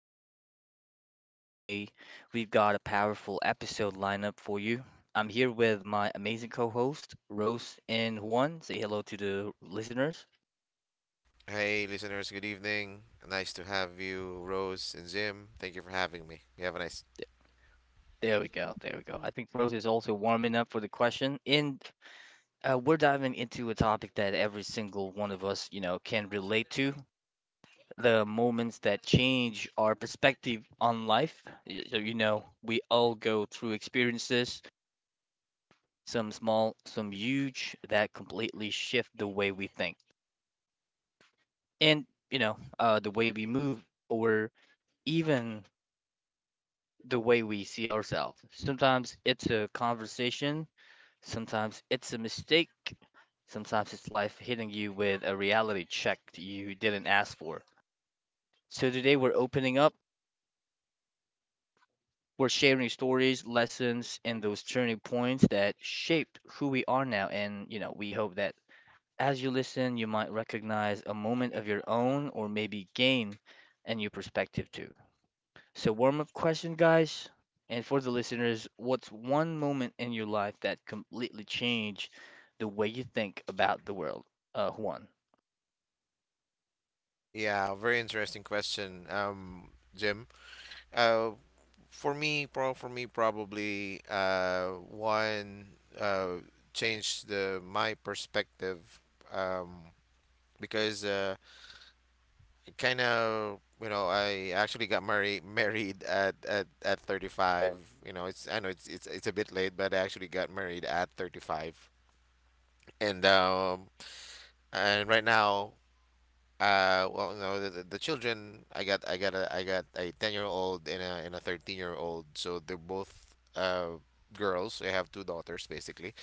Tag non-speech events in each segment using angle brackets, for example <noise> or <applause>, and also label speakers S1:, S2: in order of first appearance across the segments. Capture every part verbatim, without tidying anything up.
S1: It's your host, Jim, and today we've got a powerful episode lineup for you. I'm here with my amazing co host, Rose and Juan. Say hello to the listeners.
S2: Hey, listeners, good evening. Nice to have you, Rose and Jim. Thank you for having me. You have a nice.
S1: There we go, there we go. I think Rose is also warming up for the question, and uh, we're diving into a topic that every single one of us, you know, can relate to the moments that change our perspective on life. Y- You know, we all go through experiences some small, some huge that completely shift the way we think and, you know, uh, the way we move or even the way we see ourselves. Sometimes it's a conversation, sometimes it's a mistake, sometimes it's life hitting you with a reality check you didn't ask for. So today we're opening up, we're sharing stories, lessons, and those turning points that shaped who we are now. And, you know, we hope that as you listen, you might recognize a moment of your own or maybe gain a new perspective too. So, warm up question, guys. And for the listeners, what's one moment in your life that completely changed the way you think about the world? Uh, Juan.
S2: Yeah, very interesting question, um, Jim. Uh, for me, pro for me, probably uh, one uh, changed the my perspective, um, because uh, kind of you know I actually got married married at, at, at thirty-five. You know, it's I know it's it's it's a bit late, but I actually got married at thirty-five and, um, and right now, uh well no, the, the the children i got i got a i got a ten year old and a and a thirteen year old, so they're both uh girls. I have two daughters basically.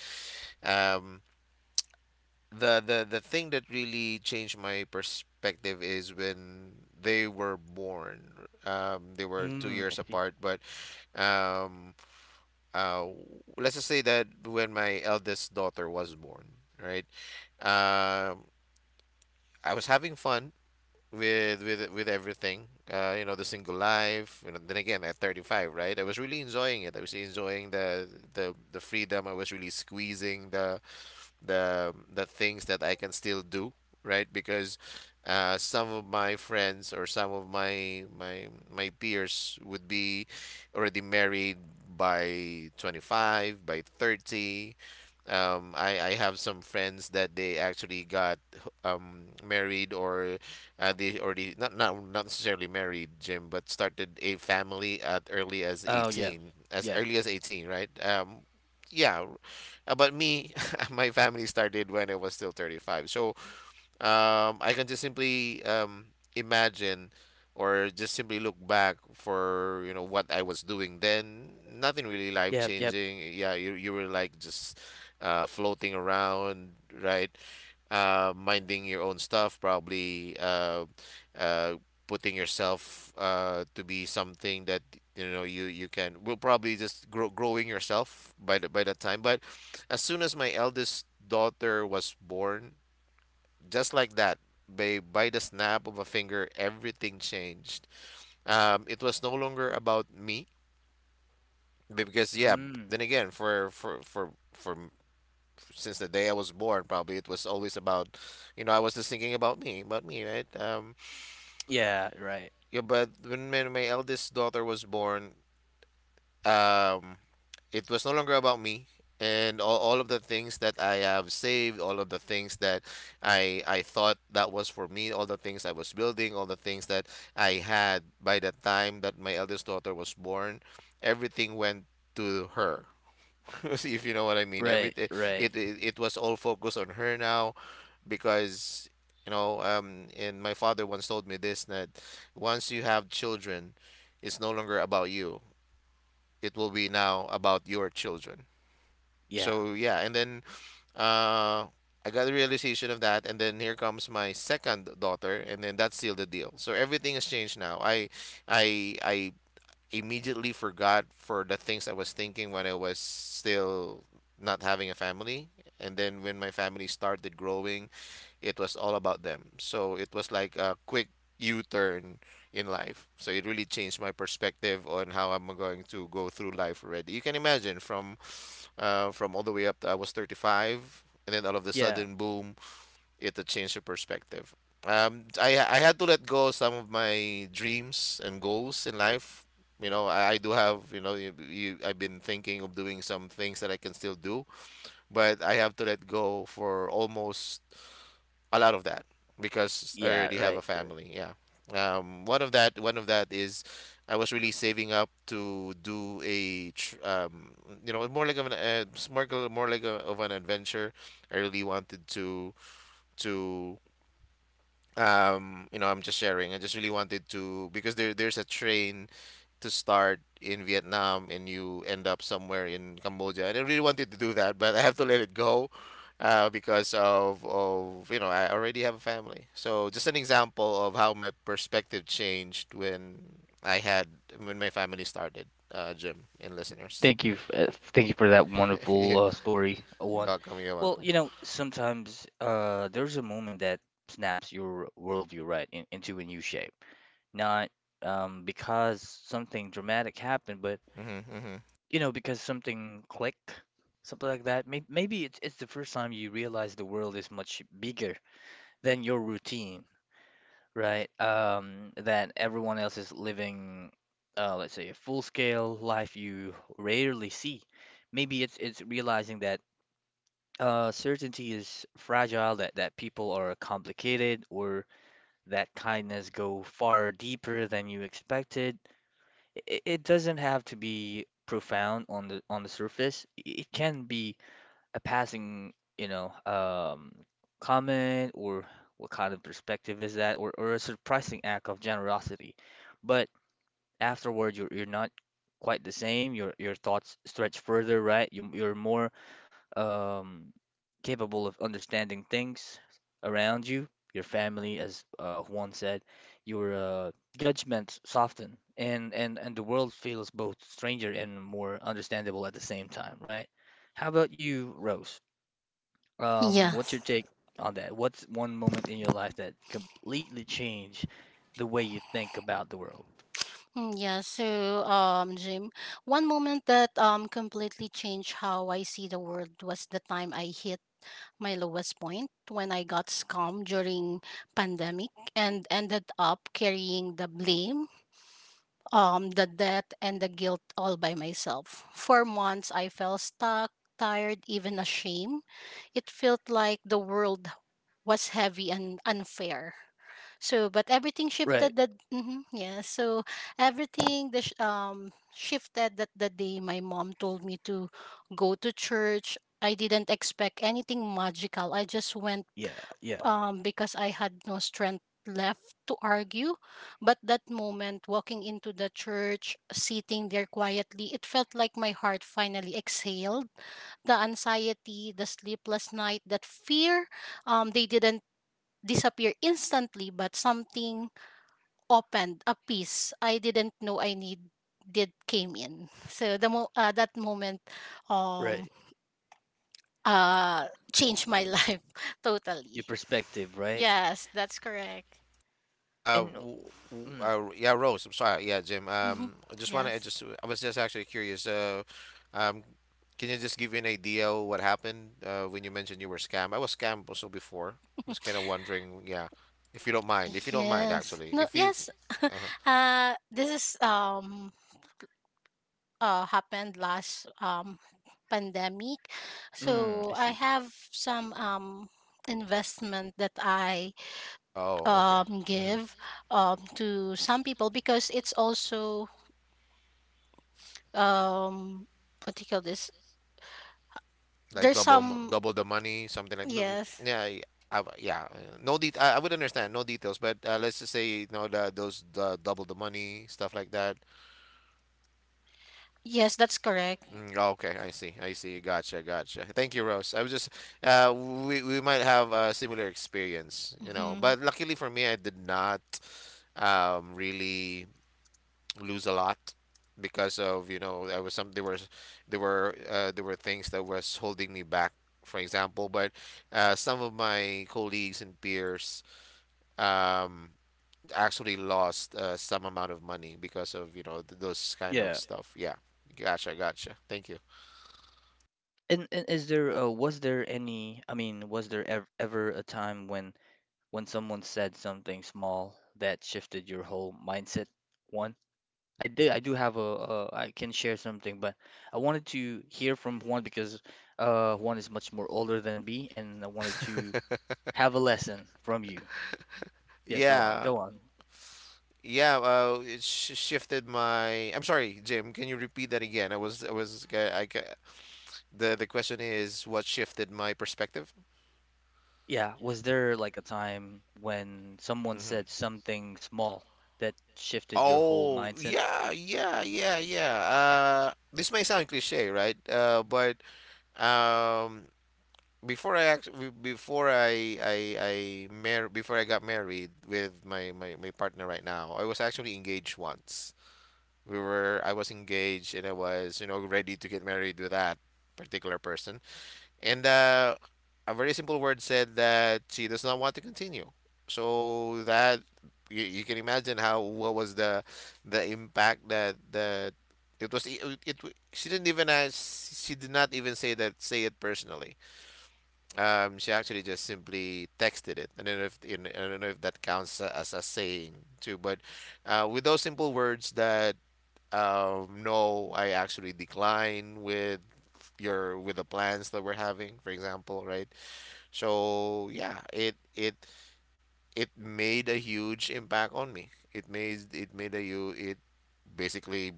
S2: um the the the thing that really changed my perspective is when they were born. Um they were two
S1: Mm, I
S2: years
S1: see.
S2: apart, but um uh let's just say that when my eldest daughter was born, right, um I was having fun with with with everything. Uh, you know, the single life. You know, then again at thirty-five, right? I was really enjoying it. I was enjoying the the the freedom. I was really squeezing the the the things that I can still do, right? Because uh, some of my friends or some of my my my peers would be already married by twenty-five, by thirty. Um, I, I have some friends that they actually got um, married or uh, they already not, not not necessarily married, Jim, but started a family at early as
S1: Oh, yeah.
S2: eighteen, as
S1: Yeah.
S2: early as eighteen, right? Um, yeah, uh, but me, <laughs> my family started when I was still thirty-five. So, um, I can just simply um, imagine or just simply look back for you know what I was doing then. Nothing really life
S1: Yep. Yep.
S2: changing. Yeah, you you were like just uh, floating around, right? Uh, minding your own stuff, probably uh, uh, putting yourself uh, to be something that you know you you can. Will probably just grow, growing yourself by the, by that time. But as soon as my eldest daughter was born, just like that, by, by the snap of a finger, everything changed. Um, it was no longer about me be- because yeah.
S1: Mm,
S2: Then again, for for for for m- since the day I was born, probably it was always about, you know, I was just thinking about me, about me, right? Um,
S1: yeah. Right.
S2: yeah. But when my, my eldest daughter was born, um, it was no longer about me, and all, all of the things that I have saved, all of the things that i i thought that was for me, all the things I was building, all the things that I had by the time that my eldest daughter was born, everything went to her. <laughs> See if you know what I mean.
S1: Right.
S2: Everything,
S1: Right.
S2: it, it it was all focused on her now because, you know, um and my father once told me this, that once you have children, it's no longer about you, it will be now about your children.
S1: Yeah.
S2: So yeah, and then uh I got the realization of that, and then here comes my second daughter, and then that sealed the deal. So everything has changed now. I i i immediately forgot for the things I was thinking when I was still not having a family, and then when my family started growing, it was all about them. So it was like a quick u-turn in life. So it really changed my perspective on how I'm going to go through life already. You can imagine from uh, from all the way up to I was thirty-five, and then all of a
S1: Yeah.
S2: sudden, boom, it had changed your perspective. Um, I I had to let go some of my dreams and goals in life. You know, I, I do have, you know, you, you, I've been thinking of doing some things that I can still do, but I have to let go for almost a lot of that, because I
S1: Yeah.
S2: already have a
S1: Right. Right.
S2: family. Yeah. Um, one of that, one of that is, I was really saving up to do a, tr- um, you know, more like of an, uh, s- more, like more like a, of an adventure. I really wanted to, to, um, you know, I'm just sharing. I just really wanted to because there, there's a train to start in Vietnam and you end up somewhere in Cambodia. And I really wanted to do that, but I have to let it go uh, because of, of, you know, I already have a family. So just an example of how my perspective changed when I had, when my family started, uh, Jim and listeners.
S1: Thank you. f- uh, Thank you for that
S2: <laughs> Yeah.
S1: wonderful uh, story, uh,
S2: You're
S1: one.
S2: welcome, you're
S1: Well,
S2: welcome.
S1: you know, sometimes uh, there's a moment that snaps your worldview right in, into a new shape. Not um, because something dramatic happened, but
S2: hmm hmm
S1: you know, because something clicked, something like that. Maybe, maybe it's it's the first time you realize the world is much bigger than your routine, right? Um, that everyone else is living, uh, let's say, a full-scale life you rarely see. Maybe it's it's realizing that uh, certainty is fragile, that that people are complicated, or that kindness go far deeper than you expected. It, it doesn't have to be profound on the on the surface. It can be a passing, you know, um, comment or what kind of perspective is that, or, or a surprising act of generosity. But afterward, you're you're not quite the same. Your your thoughts stretch further, right? You, you're more um, capable of understanding things around you, your family, as uh, Juan said. Your uh, judgments soften, and, and and the world feels both stranger and more understandable at the same time, right? How about you, Rose? Um, what's
S3: Yes.
S1: your take on that? What's one moment in your life that completely changed the way you think about the world?
S3: Mm, Yeah, so um Jim, one moment that um completely changed how I see the world was the time I hit my lowest point when I got scammed during pandemic and ended up carrying the blame, um the debt and the guilt all by myself. For months I felt stuck, tired, even ashamed. It felt like the world was heavy and unfair. So, but everything
S1: Right.
S3: shifted that. mhm, yeah. So everything the sh- um shifted that the day my mom told me to go to church. I didn't expect anything magical. I just went
S1: Yeah. Yeah.
S3: um because I had no strength left to argue. But that moment, walking into the church, sitting there quietly, it felt like my heart finally exhaled. The anxiety, the sleepless night, that fear um they didn't disappear instantly, but something opened a piece I didn't know I need did came in. So the mo- uh, that moment um
S1: Right.
S3: uh changed my <laughs> life
S1: Your
S3: totally.
S1: perspective, right?
S3: Yes, that's correct. <laughs>
S2: Uh,
S1: And
S2: w- w-
S1: mm,
S2: uh, yeah, Rose. I'm sorry. Yeah, Jim.
S3: Mhm.
S2: Um, I just want to I
S3: Yes.
S2: just. I was just actually curious. Uh, um, can you just give me an idea of what happened uh, when you mentioned you were scammed? I was scammed also before. I was kind of wondering. Yeah, if you don't mind. If you don't mind,
S3: Yes.
S2: actually.
S3: No,
S2: If you.
S3: yes.
S2: uh
S3: <laughs> Uh this is um uh happened last um pandemic.
S1: mm,
S3: So
S1: I
S3: I
S1: see.
S3: have some um investment that I
S2: Oh, okay.
S3: um,
S2: hmm
S3: give um, to some people because it's also um, what do you call this?
S2: Like
S3: There's
S2: double mo-
S3: some.
S2: double the money, something like. n- n-
S3: Yes,
S2: Yeah. y- I, w- yeah, uh, no det I, I would understand no details, but uh, let's just say you know the, those the double the money stuff like that.
S3: yes, that's correct.
S2: Mm, okay, I see. I see. Gotcha, gotcha. Thank you, Rose. I was just uh we we might have a similar experience, you know.
S3: Hmm.
S2: But luckily for me, I did not um really lose a lot because of, you know, there was some there were there were uh there were things that was holding me back, for example, but uh some of my colleagues and peers um actually lost uh, some amount of money because of, you know, th those kind of
S1: Yeah.
S2: Yeah. stuff. Yeah. Gotcha, gotcha. Thank you.
S1: And, and is there uh, was there any, I mean, was there ever, ever a time when when someone said something small that shifted your whole mindset? One? I did. I do have a, a I can share something, but I wanted to hear from Juan because uh Juan is much more older than me, and I wanted to have a lesson from you. Yeah, go on,
S2: Yeah,
S1: go on.
S2: yeah. Uh, it sh shifted my. I'm sorry, Jim. Can you repeat that again? I was, I was. Uh, I, ca- the the question is, what shifted my perspective?
S1: Yeah, was there like a time when someone
S2: hmm
S1: said something small that shifted your whole
S2: Oh,
S1: mindset?
S2: yeah, yeah, yeah, yeah. Uh, this may sound cliche, right? Uh, but um, before I act, be- before I I I mar before I got married with my, my my partner right now, I was actually engaged once. We were I was engaged and I was, you know, ready to get married with that particular person, and uh, a very simple word said that she does not want to continue. So that, you, you can imagine how what was the the impact that that it was it, it, she didn't even ask, she did not even say that say it personally. Um she actually just simply texted it. i don't know if in, I don't know if that counts a- as a saying too, but uh, with those simple words, that um, no, I actually decline with your with the plans that we're having, for example, right? So yeah, it it it made a huge impact on me. It made it made a you it basically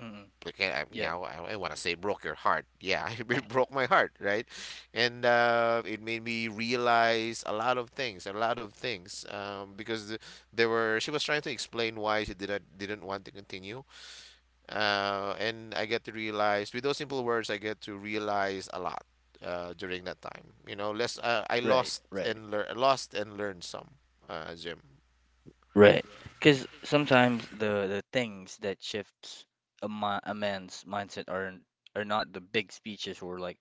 S1: Mm-mm.
S2: like, I- I- you
S1: Yeah,
S2: know, I, I want to say broke your heart. Yeah, <laughs> it broke my heart, right? And uh, it made me realize a lot of things, a lot of things, um, because the, there were she was trying to explain why she didn't didn't want to continue, uh, and I get to realize with those simple words, I get to realize a lot uh, during that time. You know, less uh, I
S1: right,
S2: lost
S1: right,
S2: and lear- lost and learned some, uh, Jim.
S1: right. Because sometimes the the things that shifts a, mi a man's mindset are are not the big speeches or like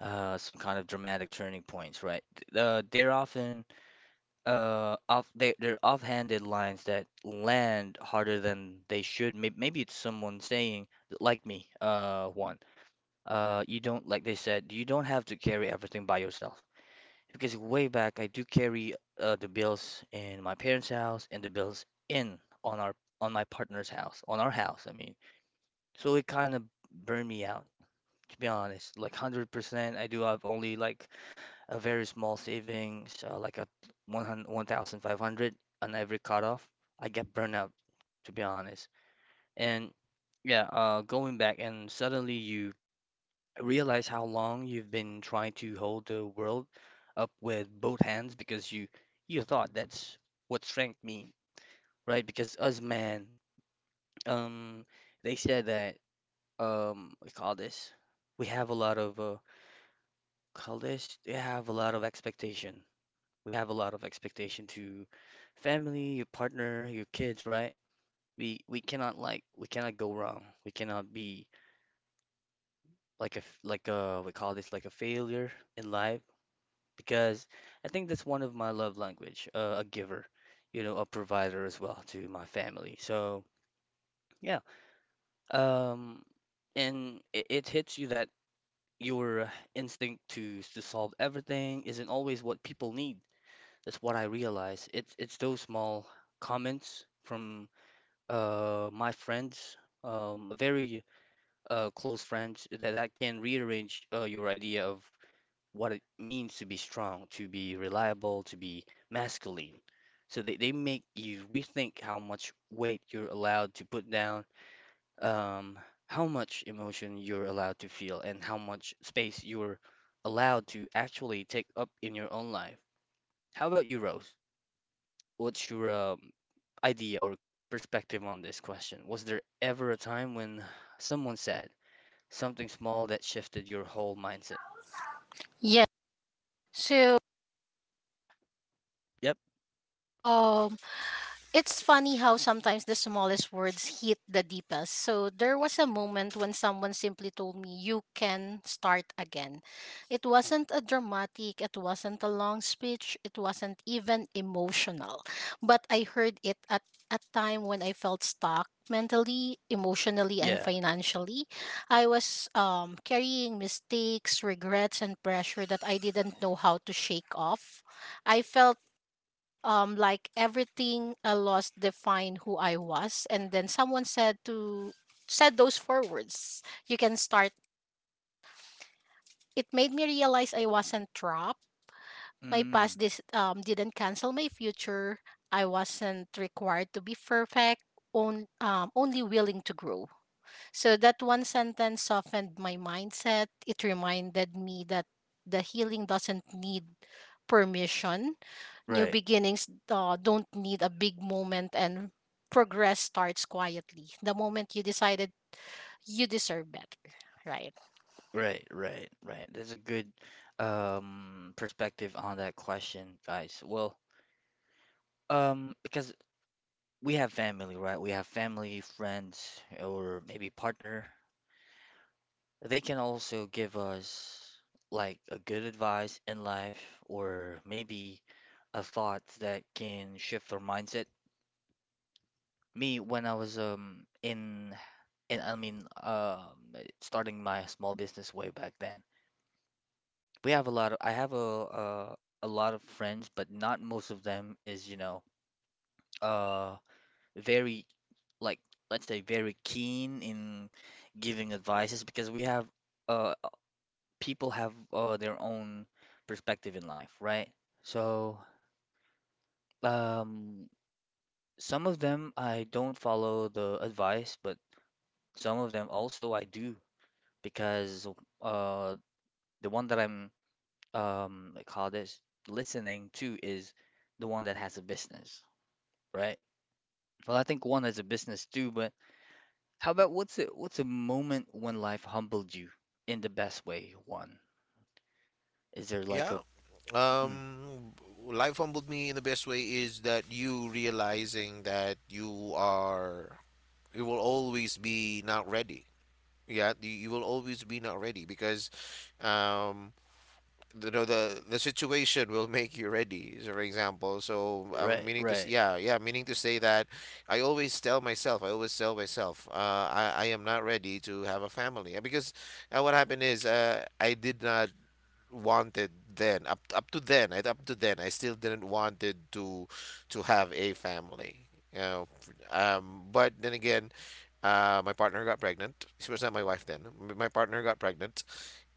S1: uh, some kind of dramatic turning points, right? Th- Uh, they're often uh, off they they're offhanded lines that land harder than they should. Maybe, maybe it's someone saying like me, uh, one, uh, you don't like they said you don't have to carry everything by yourself because way back I do carry uh, the bills in my parents' house and the bills in on our on my partner's house on our house. I mean, so it kind of burned me out to be honest. Like one hundred percent, I do have only like a very small savings, uh, like a one hundred, one thousand five hundred on every cutoff. I get burned out, to be honest. And yeah, uh, going back and suddenly you realize how long you've been trying to hold the world up with both hands because you you thought that's what strength mean, right? Because us man, um, they said that um, we call this. We have a lot of uh, call this. We have a lot of expectation. We have a lot of expectation to family, your partner, your kids, right? We we cannot like we cannot go wrong. We cannot be like a f- like a we call this like a failure in life because I think that's one of my love language, uh, a giver, you know, a provider as well to my family. So yeah, um, and it, it hits you that your instinct to to solve everything isn't always what people need. That's what I realize. It's it's those small comments from uh my friends, um a very uh close friends that, that can rearrange uh, your idea of what it means to be strong, to be reliable, to be masculine. So they, they make you rethink how much weight you're allowed to put down, um, how much emotion you're allowed to feel, and how much space you're allowed to actually take up in your own life. How about you, Rose? What's your um idea or perspective on this question. Was there ever a time when someone said something small that shifted your whole mindset?
S3: Yeah. So,
S1: Yep.
S3: um, it's funny how sometimes the smallest words hit the deepest. So there was a moment when someone simply told me, "You can start again." It wasn't a dramatic, it wasn't a long speech, it wasn't even emotional. But I heard it at a time when I felt stuck mentally, emotionally, and
S1: Yeah.
S3: financially. I was um, carrying mistakes, regrets, and pressure that I didn't know how to shake off. I felt um like everything I lost defined who I was, and then someone said to said those four words, "You can start." It made me realize I wasn't trapped, my past
S1: Mm.
S3: this um didn't cancel my future. I wasn't required to be perfect on, um, only willing to grow. So that one sentence softened my mindset. It reminded me that the healing doesn't need permission. New
S1: Right.
S3: beginnings uh, don't need a big moment, and progress starts quietly. The moment you decided you deserve better, right?
S1: Right. Right. Right. That's a good um perspective on that question, guys. Well, um, because we have family, right? We have family, friends, or maybe partner. They can also give us like a good advice in life or maybe a thought that can shift our mindset. Me, when I was um in in I mean um starting my small business way back then, we have a lot of I have a uh, a lot of friends, but not most of them is, you know, uh very like let's say very keen in giving advices because we have uh people have uh, their own perspective in life, right? So, um, some of them I don't follow the advice, but some of them also I do because uh, the one that I'm um, I call this listening to is the one that has a business, right? Well, I think one has a business too, but how about what's a, what's a moment when life humbled you in the best way? One, is there like
S2: Yeah,
S1: a mm,
S2: um, life humbled me in the best way is that you realizing that you are you will always be not ready. Yeah, you, you will always be not ready because um, you know the the situation will make you ready. So for example, so I'm
S1: right,
S2: meaning to s-
S1: right,
S2: yeah yeah meaning to say that i always tell myself I always tell myself, uh, I i am not ready to have a family. Uh, because uh, what happened is, uh, I did not wanted then, up up to then, right, up to then I still didn't wanted to to have a family, you know. F- um but then again, uh my partner got pregnant. She was not my wife then. M- my partner got pregnant,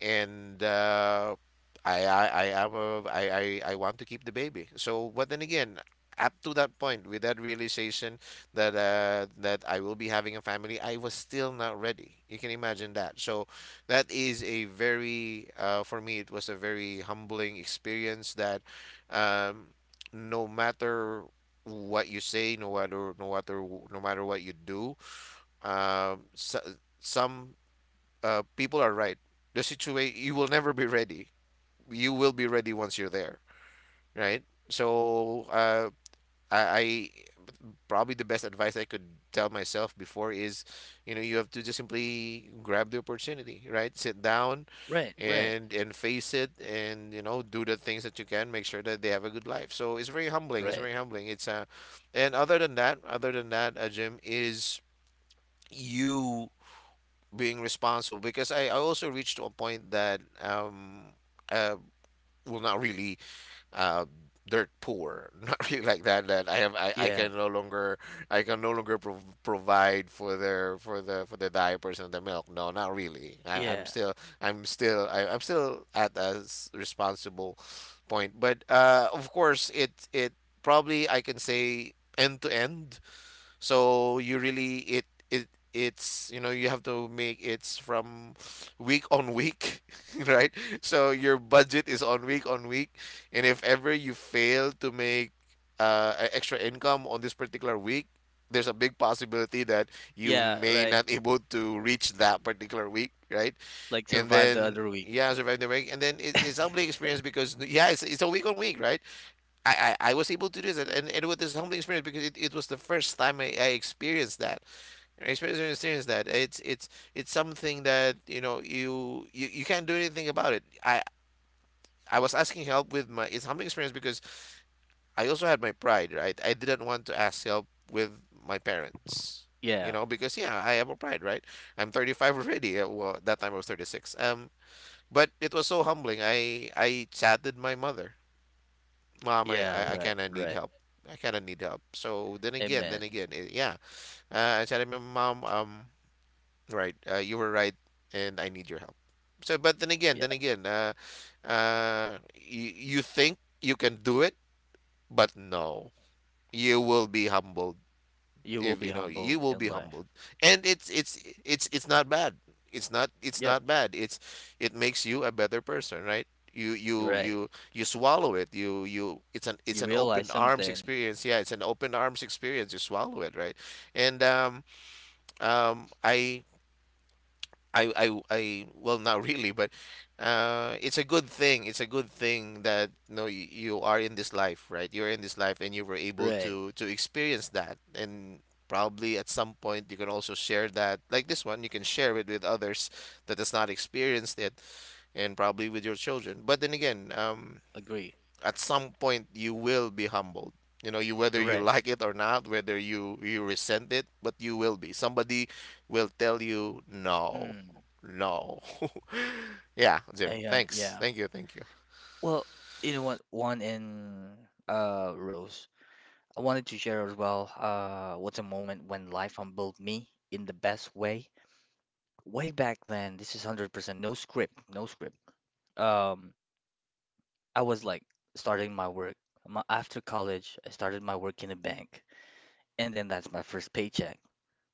S2: and uh I I I am a, I, I I want to keep the baby. So but then again, up to that point, with that realization that uh that I will be having a family, I was still not ready. You can imagine that. So that is a very uh, for me it was a very humbling experience, that um, no matter what you say, no matter no matter no matter what you do, um, so, some uh, people are right, the situation, you will never be ready. You will be ready once you're there, right? So uh, I, I probably the best advice I could tell myself before is, you know, you have to just simply grab the opportunity, right? Sit down
S1: right, right,
S2: and and face it, and you know, do the things that you can, make sure that they have a good life. So it's very humbling, it's
S1: right?
S2: very humbling, it's uh and other than that, other than that uh, Jim, is you being responsible. Because i, I also reached to a point that um uh well, not really uh, dirt poor <laughs> not really like that, that i have i, I
S1: Yeah,
S2: can no longer, i can no longer pro provide for their, for the, for the diapers and the milk. No, not really. I, I'm
S1: yeah,
S2: still i'm still I, I'm still at a s- responsible point. But uh of course, it it probably, I can say, end to end. So you really, it it it's you know, you have to make, it's from week on week, <laughs> right? So your budget is on week on week, and if ever you fail to make uh a extra income on this particular week, there's a big possibility that you
S1: yeah,
S2: may
S1: right.
S2: not <laughs> able to reach that particular week, right?
S1: Like
S2: And
S1: survive the
S2: then
S1: other week.
S2: yeah, survive the week. And then it, it's a humbling
S1: <laughs>
S2: experience, because yeah, it's it's a week on week, right? I, I, I was able to do this, and, and it was this humbling experience, because it, it was the first time I, I experienced that. I experienced, experienced that it's it's it's something that, you know, you, you you can't do anything about it. I I was asking help with my, it's humbling experience because I also had my pride, right? I didn't want to ask help with my parents, you
S1: Yeah,
S2: know, because yeah, I have a pride, right? I'm thirty-five already. Uh, well, that time I was thirty-six. Um but it was so humbling, I I chatted my mother. Mom, I,
S1: yeah,
S2: I, I
S1: right,
S2: kind of need
S1: right.
S2: help. I kind of need help. So then again, then
S1: Amen.
S2: again, it, yeah. Uh, I said to my mom, um, right, uh, you were right, and I need your help. So, but then again, then
S1: Yep.
S2: again, uh, uh, you, you think you can do it, but no, you will be humbled,
S1: You will
S2: if
S1: be
S2: you know you
S1: humble
S2: will be
S1: in life.
S2: humbled. And it's it's it's it's not bad, it's not it's
S1: Yep,
S2: not bad, it's, it makes you a better person, right? You
S1: you're
S2: you
S1: right.
S2: you you swallow it, you you it's an, it's
S1: You
S2: an
S1: realize
S2: open arms
S1: something.
S2: experience, yeah, it's an open arms experience, you swallow it, right? And um um i I, I, I, well, not really, but uh, it's a good thing. It's a good thing that, no, you you are in this life, right? You're in this life, and you were able
S1: Right.
S2: to to experience that. And probably at some point, you can also share that, like this one, you can share it with others that has not experienced it, and probably with your children. But then again, um,
S1: Agree.
S2: at some point you will be humbled, you know, you, whether you
S1: Right.
S2: like it or not, whether you you resent it, but you will be, somebody will tell you no.
S1: Mm.
S2: No. <laughs> Yeah, Jim,
S1: And
S2: thanks
S1: yeah.
S2: thank you, thank you.
S1: Well, you know what? One in uh Rose. I wanted to share as well uh what's a moment when life humbled me in the best way. Way back then, this is one hundred percent no script, no script. Um I was like starting my work. My, after college, I started my work in a bank, and then that's my first paycheck.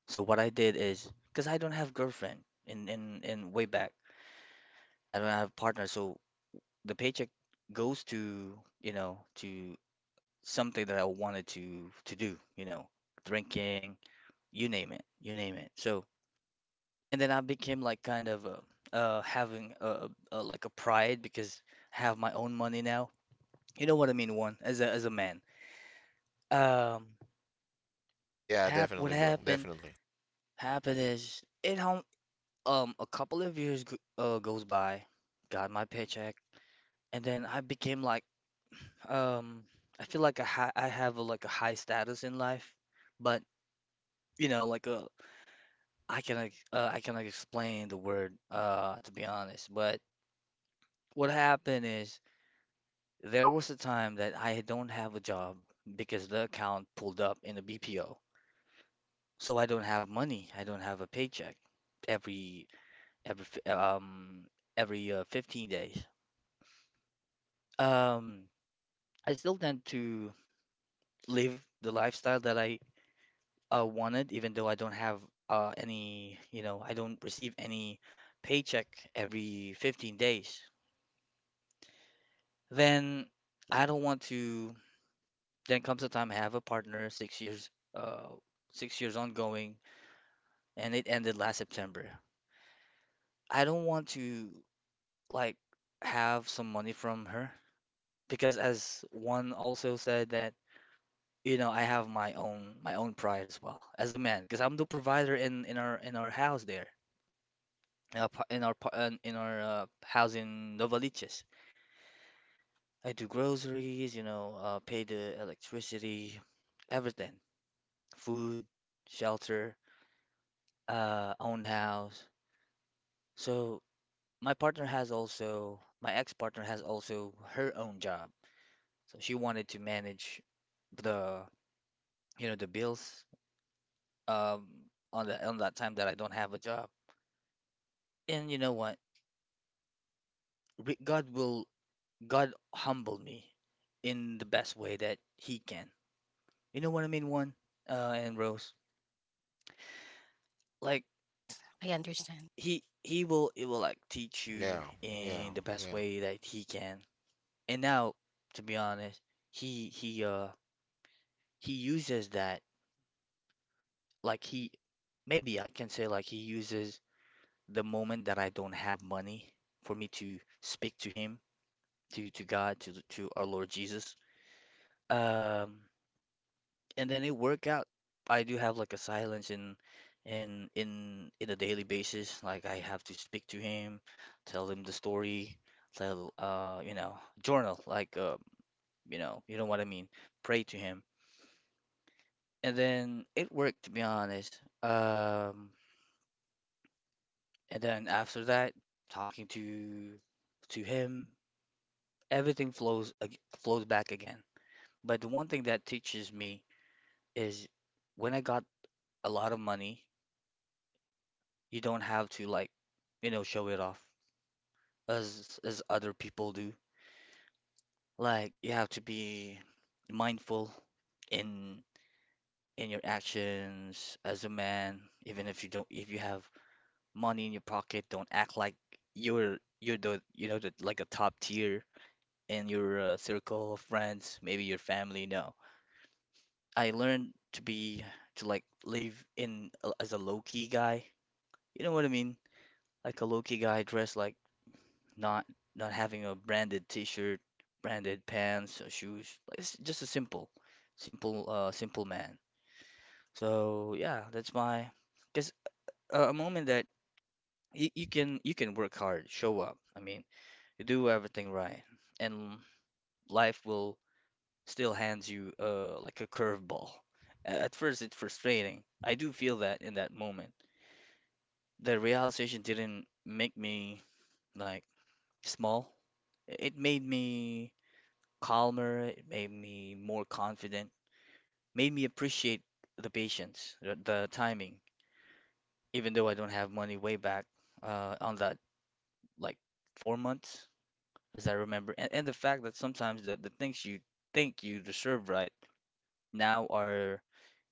S1: So what I did is, because I don't have girlfriend in in in way back, I don't have partner, so the paycheck goes to, you know, to something that I wanted to to do, you know, drinking, you name it, you name it. So, and then I became like kind of a, uh having a, a like a pride because I have my own money now. You know what I mean, one as a as a man. Um,
S2: Yeah,
S1: hap what
S2: definitely bro,
S1: happened
S2: definitely.
S1: happened is it home um a couple of years g- uh goes by, got my paycheck, and then I became like um I feel like I ha I have a, like a high status in life, but you know like uh I can ex- uh, I cannot explain the word uh to be honest, but what happened is there was a time that I don't have a job because the account pulled up in a B P O, so I don't have money, I don't have a paycheck every every fi- um every uh, fifteen days. Um, I still tend to live the lifestyle that I uh, wanted, even though I don't have uh, any, you know, I don't receive any paycheck every fifteen days. Then I don't want to. Then comes the time I have a partner, six years, uh, six years ongoing, and it ended last September. I don't want to like have some money from her because, as one also said that you know, I have my own my own pride as well as a man, because I'm the provider in in our in our house there, in our pa- in our, pa- in in our uh, house in Novaliches. I do groceries, you know, uh, pay the electricity, everything, food, shelter, uh, own house. So my partner has also my ex-partner has also her own job, so she wanted to manage the you know the bills um on the on that time that I don't have a job. And you know what? re- God will God humble me in the best way that He can. You know what I mean, one, uh, and Rose. Like
S3: I understand.
S1: He He will it will like teach you
S2: Yeah, yeah,
S1: in the best
S2: yeah,
S1: way that He can. And now, to be honest, He He uh He uses that, like He, maybe I can say like He uses the moment that I don't have money for me to speak to Him, to to God to to our Lord Jesus. Um. And then it work out. I do have like a silence in in in in a daily basis. Like I have to speak to him, tell him the story, tell uh you know journal, like, uh you know you know what I mean. Pray to him, and then it worked, to be honest. Um, and then after that, talking to to him, everything flows ag- flows back again. But the one thing that teaches me is when I got a lot of money, you don't have to, like, you know, show it off as as other people do. Like you have to be mindful in in your actions as a man, even if you don't, if you have money in your pocket, don't act like you're you're the you know the like a top tier in your uh, circle of friends, maybe your family. No. I learned to be to like live in a- as a low key guy. You know what I mean? Like a low key guy dressed like not not having a branded t-shirt, branded pants or shoes. Like, it's just a simple, simple, uh, simple man. So yeah, that's my just a, a moment that you, you can you can work hard, show up. I mean, you do everything right, and life will still hands you uh like a curveball. A- At first, it's frustrating. I do feel that in that moment. The realization didn't make me like small. I- It made me calmer, it made me more confident, made me appreciate the patience, the, the timing, even though I don't have money way back uh, on that, like, four months, as I remember. And, and the fact that sometimes the, the things you think you deserve right now are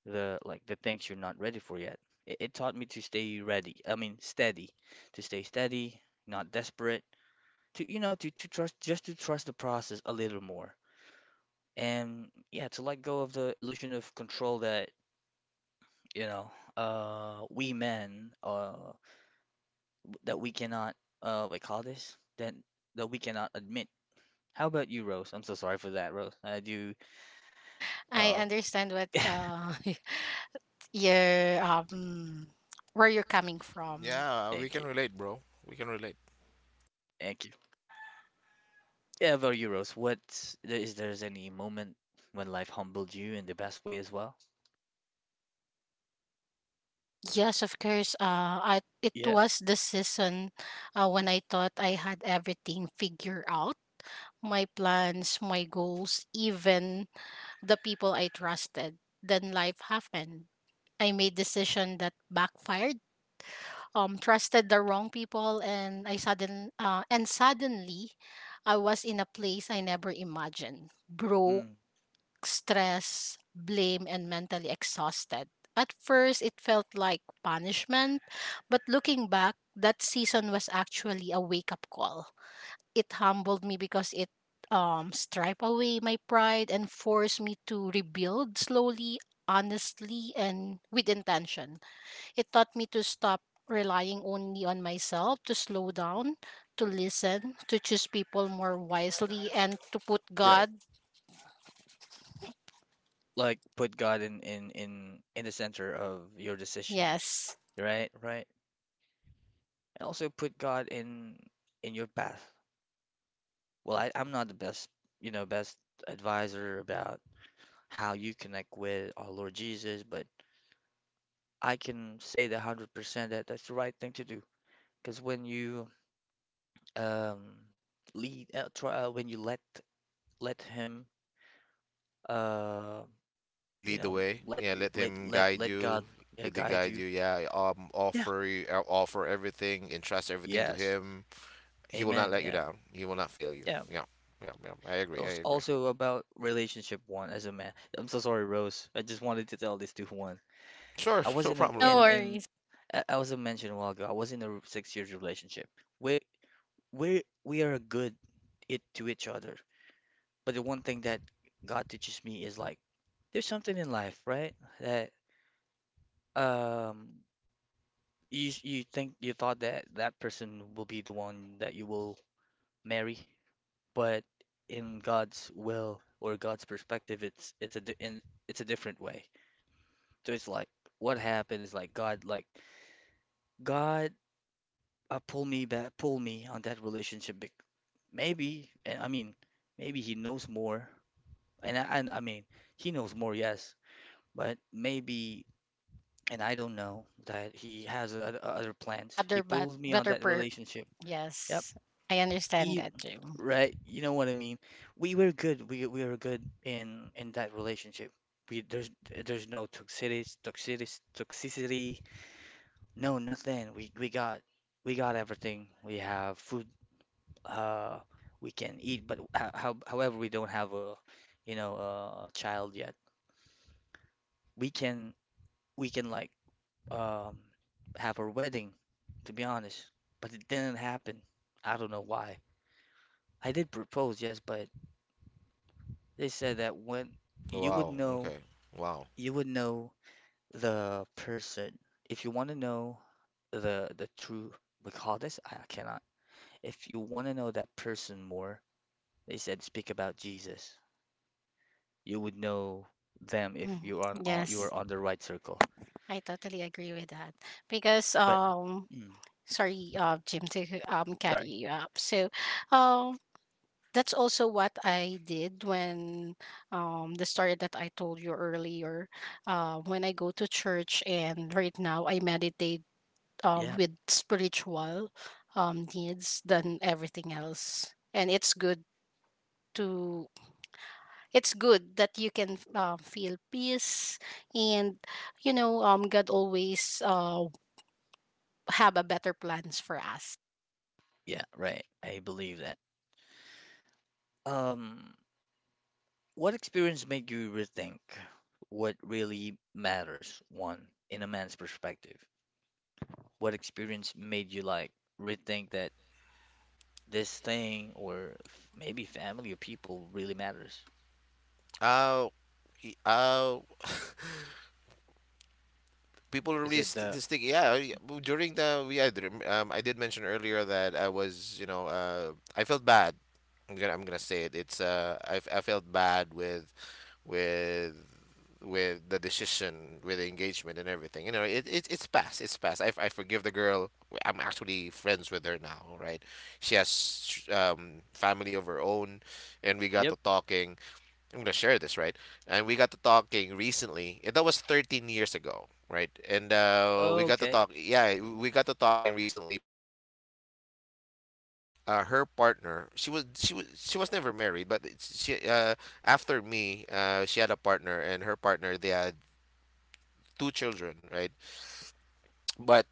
S1: the like the things you're not ready for yet. It, it taught me to stay ready. I mean, steady, to stay steady, not desperate, to, you know, to, to trust just to trust the process a little more. And yeah, to let go of the illusion of control that, you know, uh, we men, uh, that we cannot uh, like call this that that we cannot admit. How about you, Rose? I'm so sorry for that, Rose. I do.
S3: I
S1: Uh,
S3: understand what
S1: <laughs>
S3: uh, <laughs> your um where you're coming from.
S2: yeah, we
S1: thank
S2: can
S1: you,
S2: relate bro, we can relate.
S1: thank you. Yeah, about you, Rose. What, is there's any moment when life humbled you in the best way as well?
S3: Yes, of course. Uh, I, it
S1: Yeah.
S3: was the season uh, when I thought I had everything figured out. My plans, my goals, even the people I trusted. Then life happened. I made decision that backfired. Um, trusted the wrong people, and I sudden uh, and suddenly, I was in a place I never imagined. Broke,
S1: Mm,
S3: stressed, blame, and mentally exhausted. At first, it felt like punishment, but looking back, that season was actually a wake-up call. It humbled me because it um stripe away my pride and force me to rebuild slowly, honestly, and with intention. It taught me to stop relying only on myself, to slow down, to listen, to choose people more wisely, and to put
S1: right.
S3: God.
S1: Like put God in in in in the center of your decision.
S3: Yes.
S1: Right. Right. And also put God in in your path. Well, I, I'm not the best, you know, best advisor about how you connect with our Lord Jesus, but I can say that one hundred percent that that's the right thing to do. Because when you um, lead, uh, try, uh, when you let let Him, uh, you
S2: Lead the
S1: know,
S2: way,
S1: let
S2: yeah, let
S1: let
S2: him
S1: let
S2: guide
S1: let God,
S2: you,
S1: yeah,
S2: let him
S1: guide
S2: guide
S1: you.
S2: you, yeah. Um
S1: Yeah.
S2: offer you, uh, offer everything, entrust everything to
S1: Yes.
S2: him. He will not
S1: Amen.
S2: let you
S1: Yeah.
S2: down. He will not fail you.
S1: Yeah.
S2: Yeah, yeah, yeah. I
S1: It
S2: agree.
S1: was
S2: I agree.
S1: also about relationship one as a man. I'm so sorry, Rose. I just wanted to tell this to Juan.
S2: Sure,
S1: I
S2: <laughs>
S1: was
S2: no
S1: in a
S2: problem,
S3: No
S2: bro.
S1: in in
S3: worries.
S1: I I was mentioned a while ago. I was in a r- six years relationship. We we we are good it to each other. But the one thing that God teaches me is like there's something in life, right? That, um you s- you think you thought that that person will be the one that you will marry, but in God's will or God's perspective, it's it's a di- in, it's a different way. So it's like what happened is like God like God, uh, pull me back, pull me on that relationship. bec- Maybe, and I mean, maybe he knows more, and I, and I mean, he knows more, yes, but maybe, and I don't know that he has o- other plans. He
S3: Other but
S1: pulls me on
S3: better
S1: that
S3: per.
S1: relationship. Yep,
S3: Yes, I understand
S1: he,
S3: that, Jim.
S1: right. You know what I mean? We were good. We we were good in in that relationship. We there's there's no toxicity, toxicity, toxicity. No, nothing. We we got we got everything. We have food. uh, we can eat, but ho- how, however, we don't have a, you know, a child yet. We can we can like, um, have our wedding, to be honest, but it didn't happen. I don't know why. I did propose, yes, but they said that when you would
S2: Wow.
S1: know,
S2: Okay. Wow.
S1: you would know the person. If you want to know the the true, we call this, I cannot. If you want to know that person more, they said speak about Jesus. You would know them if
S3: Mm.
S1: you are on, you are
S3: Yes,
S1: on the right circle.
S3: I totally agree with that because,
S1: But
S3: um,
S1: mm,
S3: sorry, uh, Jim, to um
S1: sorry.
S3: carry you up. So, um. That's also what I did when, um, the story that I told you earlier. Uh, when I go to church and right now I meditate uh,
S1: Yeah,
S3: with spiritual um, needs than everything else, and it's good to, it's good that you can uh, feel peace, and you know, um, God always uh, have a better plans for us.
S1: yeah, right. I believe that. Um, what experience made you rethink what really matters, one, in a man's perspective? What experience made you like rethink that this thing or f- maybe family or people really matters?
S2: Uh, uh, People are
S1: Is
S2: really
S1: it
S2: st-
S1: the,
S2: to stick. Yeah, I- well, during the we I did, um I did mention earlier that I was, you know, uh I felt bad. I'm gonna I'm gonna say it. It's uh I, f- I felt bad with with with the decision, with the engagement, and everything. You know, it, it it's past. It's past. I, I forgive the girl. I'm actually friends with her now, right? She has um, family of her own, and we got
S1: yep,
S2: to talking. I'm gonna share this, right? And we got to talking recently. And That was thirteen years ago, right? And uh, we got to
S1: okay,
S2: talk. Yeah, we got to talking recently because. Um, uh, Her partner, she was she was she was never married, but it's- she uh after me, uh she had a partner, and her partner, they had two children, right? But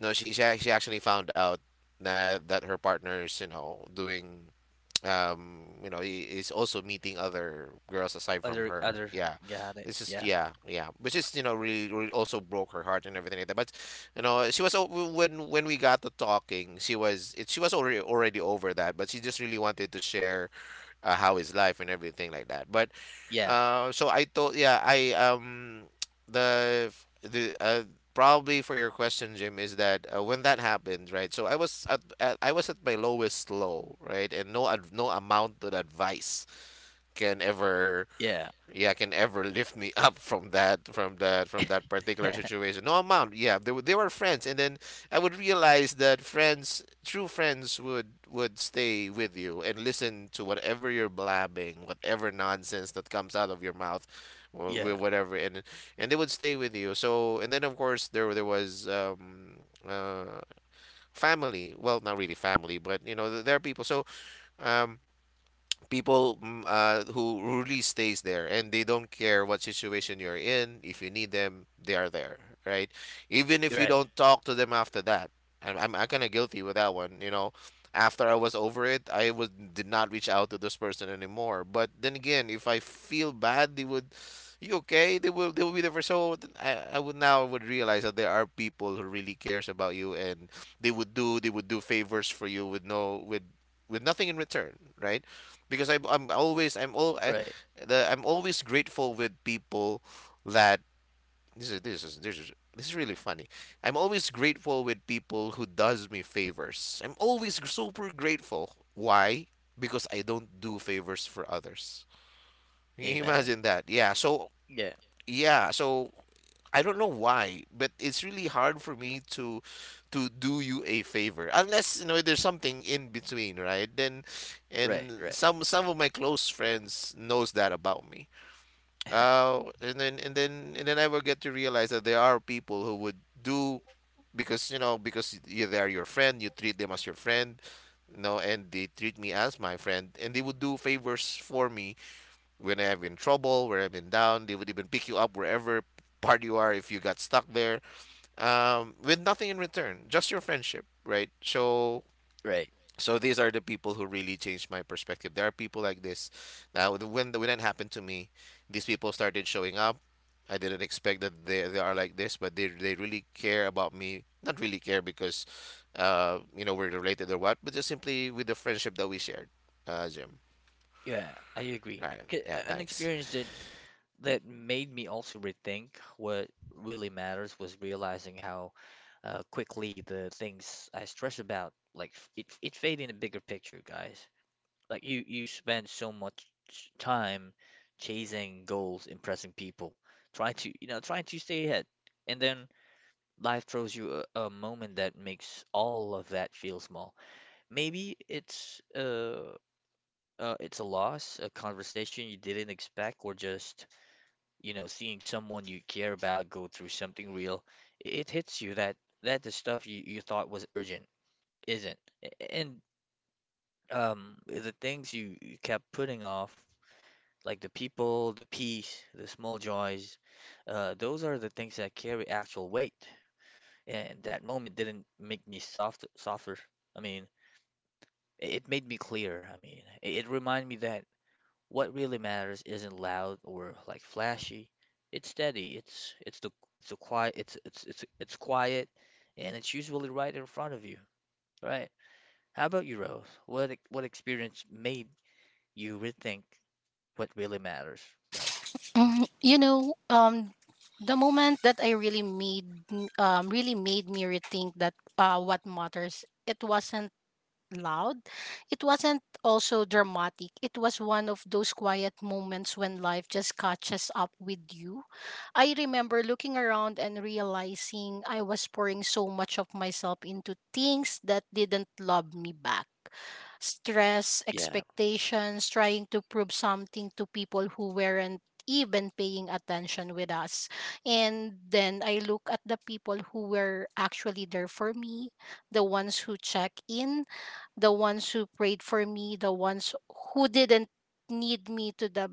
S2: no, she she, ac- she actually found out that that her partner is, you know, doing um you know, he is also meeting other girls aside
S1: other,
S2: from
S1: other,
S2: her. Yeah,
S1: got it.
S2: this
S1: Yeah,
S2: is yeah yeah, which is, you know, really, really also broke her heart and everything like that. But you know, she was o- when when we got to talking, she was it she was already, already over that, but she just really wanted to share uh, how is life and everything like that. But
S1: yeah,
S2: uh, so I thought, yeah, I um, the the uh, probably for your question, Jim, is that uh, when that happened, right? So I was at, at I was at my lowest low, right? And no ad, no amount of advice can ever,
S1: yeah,
S2: yeah can ever lift me <laughs> up from that, from that from that particular
S1: <laughs>
S2: situation, no amount. Yeah, they, were- they were friends, and then I would realize that friends, true friends would would stay with you and listen to whatever you're blabbing, whatever nonsense that comes out of your mouth,
S1: yeah,
S2: wh- wh- whatever. And and they would stay with you. So and then of course there there was um uh family, well not really family, but you know, th- there are people. So um people, mm, uh, who really stays there, and they don't care what situation you're in, if you need them, they are there, right? Even if
S1: right,
S2: you don't talk to them after that. i'm, I'm, I'm kind of guilty with that one, you know. After I was over it, I was did not reach out to this person anymore, but then again, if I feel bad, they would, you okay they will, they will be there for, so th- I, I would now would realize that there are people who really cares about you, and they would do, they would do favors for you with no, with with nothing in return, right? Because I'm, I'm always I'm all I,
S1: right.
S2: the I'm always grateful with people that, this is this is this is this is really funny. I'm always grateful with people who does me favors. I'm always gr- super grateful. Why? Because I don't do favors for others. Can you
S1: Amen.
S2: imagine that. Yeah. So
S1: Yeah.
S2: yeah. So I don't know why, but it's really hard for me to to do you a favor, unless you know there's something in between, right? Then,
S1: Right.
S2: and
S1: Right.
S2: some some of my close friends knows that about me.
S1: <laughs>
S2: Uh, and then and then and then I will get to realize that there are people who would do, because you know, because you, they are your friend, you treat them as your friend, you know, and they treat me as my friend, and they would do favors for me when I've been in trouble, where I've been down. They would even pick you up wherever part you are, if you got stuck there, um, with nothing in return, just your friendship, right? So
S1: Right.
S2: so these are the people who really changed my perspective. There are people like this. Now when when that happened to me, these people started showing up. I didn't expect that they, they are like this, but they they really care about me. Not really care because, uh, you know, we're related or what, but just simply with the friendship that we shared, uh, Jim.
S1: Yeah. I agree.
S2: All right.
S1: 'Ca-
S2: Yeah.
S1: An
S2: Thanks.
S1: experience that that made me also rethink what really matters was realizing how uh, quickly the things I stress about, like f- it it fade in the bigger picture, guys. Like you you spend so much time chasing goals, impressing people, trying to, you know, trying to stay ahead, and then life throws you a, a moment that makes all of that feel small. Maybe it's uh, uh it's a loss, a conversation you didn't expect, or just, you know, seeing someone you care about go through something real. It hits you that that the stuff you, you thought was urgent isn't. A- And um the things you, you kept putting off, like the people, the peace, the small joys, uh those are the things that carry actual weight. And that moment didn't make me soft softer. I mean, it made me clear. I mean, it it reminded me that what really matters isn't loud or like flashy. It's steady. It's it's the it's a quiet it's it's it's it's quiet and it's usually right in front of you. Right. How about you, Rose? What ex- what experience made you rethink what really matters, Rose?
S3: Mm, you know, um, the moment that I really made m- um really made me rethink that uh what matters. It wasn't loud. It wasn't also dramatic. It was one of those quiet moments when life just catches up with you. I remember looking around and realizing I was pouring so much of myself into things that didn't love me back. Stress,
S1: Yeah.
S3: expectations, trying to prove something to people who weren't even paying attention with us. And then I look at the people who were actually there for me, the ones who check in, the ones who prayed for me, the ones who didn't need me to the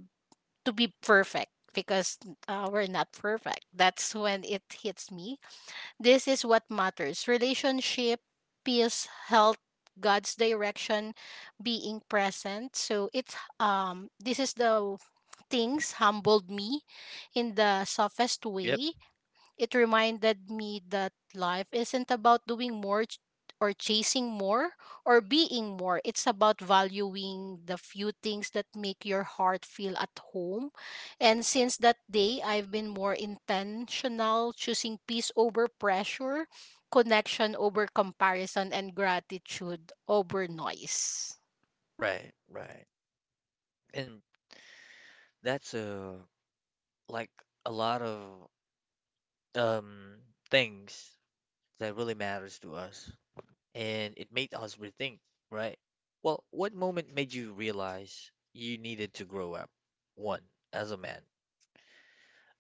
S3: to be perfect, because uh, we're not perfect. That's when it hits me. This is what matters: relationship, peace, health, God's direction, being present. So it's, um this is the things humbled me in the softest
S1: Yep.
S3: way. It reminded me that life isn't about doing more ch- or chasing more or being more. It's about valuing the few things that make your heart feel at home. And since that day, I've been more intentional, choosing peace over pressure, connection over comparison, and gratitude over noise.
S1: Right, right. And that's uh like a lot of um things that really matters to us and it made us rethink, right? Well, what moment made you realize you needed to grow up? One, as a man.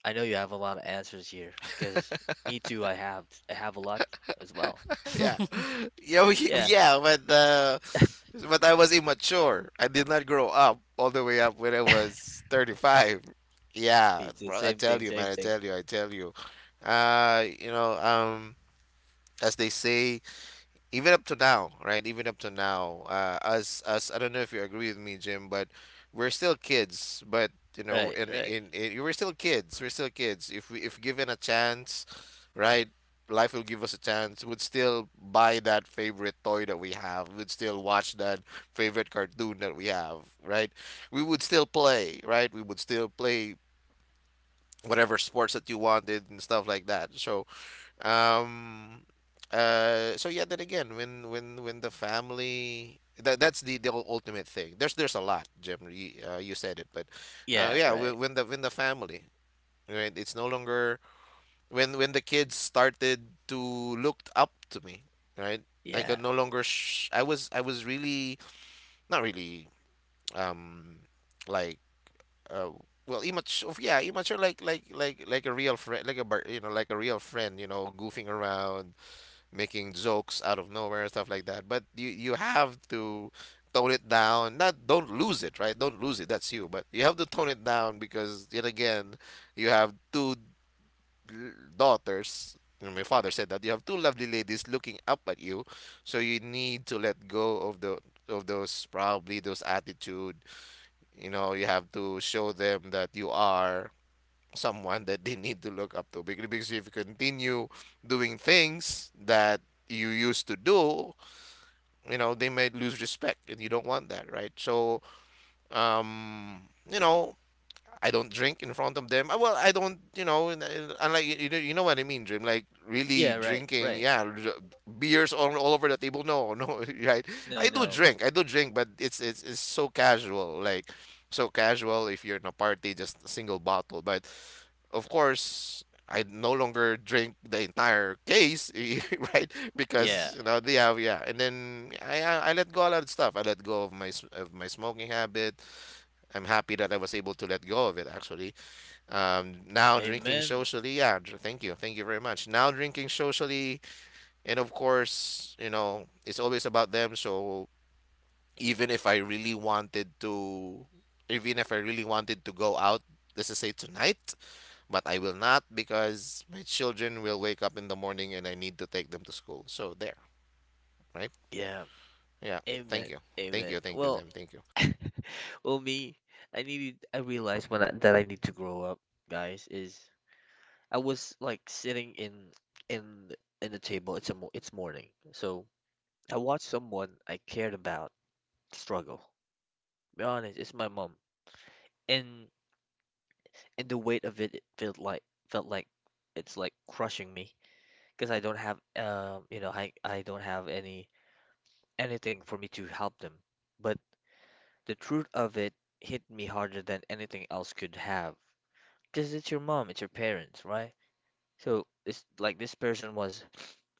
S1: I know you have a lot of answers here because me too, I have I have a lot as well.
S2: <laughs> Yeah.
S3: <laughs>
S2: Yeah, we- <laughs>
S1: Yeah,
S2: yeah, but uh, but I was immature. I did not grow up all the way up when I was thirty-five. Yeah,
S1: me too.
S2: bro, I
S1: Same
S2: tell
S1: thing,
S2: you,
S1: same
S2: man, I
S1: thing.
S2: tell you, I tell you. Uh, you know, um, as they say, even up to now, right? Even up to now, uh, us us I don't know if you agree with me, Jim, but we're still kids. But you know,
S1: Right,
S2: and
S1: right.
S2: in in, in we're still kids. We're still kids. If we, if given a chance, right, life will give us a chance. Would still buy that favorite toy that we have. Would still watch that favorite cartoon that we have, right? We would still play, right? We would still play whatever sports that you wanted and stuff like that. So um, uh, so yeah, then again, when when when the family, that that's the the ultimate thing. There's there's a lot, Jim. You, uh, you said it, but uh,
S1: Yeah,
S2: yeah,
S1: right.
S2: when, when the when the family, right? It's no longer, when when the kids started to looked up to me, right? I could
S1: Yeah.
S2: no longer. Sh- I was I was really not really um like uh well immature, yeah, immature, like like like like a real friend, like a bar- you know like a real friend, you know goofing around, making jokes out of nowhere, stuff like that. But you you have to tone it down. Not don't lose it, right? Don't lose it, that's you, but you have to tone it down, because yet again you have two l- daughters. You know, my father said that you have two lovely ladies looking up at you, so you need to let go of the of those probably those attitude. You know, you have to show them that you are someone that they need to look up to. Bec- because if you continue doing things that you used to do, you know, they might lose respect, and you don't want that, right? So um you know I don't drink in front of them. Uh, Well, I don't, you know, and- and- unlike you, you know- you know what I mean, Dream. Like really
S1: Yeah, right,
S2: drinking,
S1: right.
S2: yeah, r- beers all, all over the table. No, no, <laughs> right?
S1: No,
S2: I do
S1: no.
S2: drink, I do drink, but it's it's it's so casual, like so casual. If you're in a party, just a single bottle. But of course, I no longer drink the entire case, <laughs> right?
S1: Yeah.
S2: Because you know they have, yeah. And then I I I let go a lot of stuff. I let go of my s- of my smoking habit. I'm happy that I was able to let go of it actually. Um, now drinking
S1: Amen.
S2: socially, yeah, dr- thank you, thank you very much. Now drinking socially, and of course, you know, it's always about them. So even if I really wanted to, even if I really wanted to go out, let's just say tonight, but I will not because my children will wake up in the morning and I need to take them to school. So there, right?
S1: Yeah.
S2: Yeah, thank
S1: Amen.
S2: you, thank
S1: Amen.
S2: you, thank you,
S1: Well,
S2: Zim, thank you.
S1: <laughs> well, me, I needed I realized when I, that I need to grow up, guys, is I was like sitting in in in the table. It's a mo It's morning, so I watched someone I cared about struggle. Be honest, it's my mom, and and the weight of it, it felt like felt like it's like crushing me because I don't have um you know I I don't have any anything for me to help them. But the truth of it hit me harder than anything else could have, because it's your mom, it's your parents, right? So it's like this person was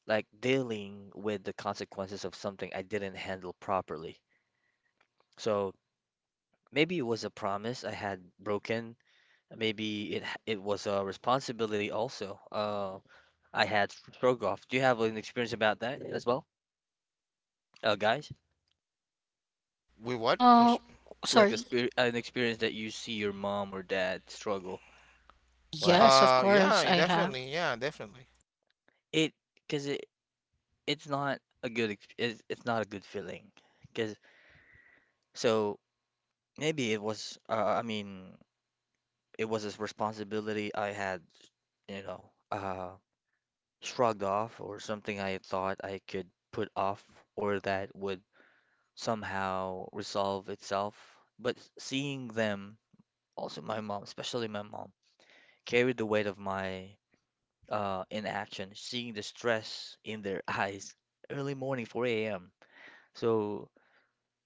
S1: like dealing with the consequences of something I didn't handle properly. So maybe it was a promise I had broken. Maybe it h- it was a responsibility also. Uh, I had stroke off. Do you have an experience about that as well, uh, guys?
S2: We what? I'm
S3: Oh,
S2: s-
S1: Like a
S3: sorry.
S1: spirit, an experience that you see your mom or dad struggle. Like
S3: Yes, of
S2: uh,
S3: course
S2: yeah,
S3: I have.
S2: definitely, yeah, definitely.
S1: it, because it it's not a good ex- it's, it's not a good feeling. Because so maybe it was. Uh, I mean, it was a responsibility I had, you know, uh, shrugged off or something I thought I could put off or that would somehow resolve itself. But seeing them, also my mom, especially my mom, carried the weight of my uh, inaction, seeing the stress in their <laughs> eyes early morning, four a m. So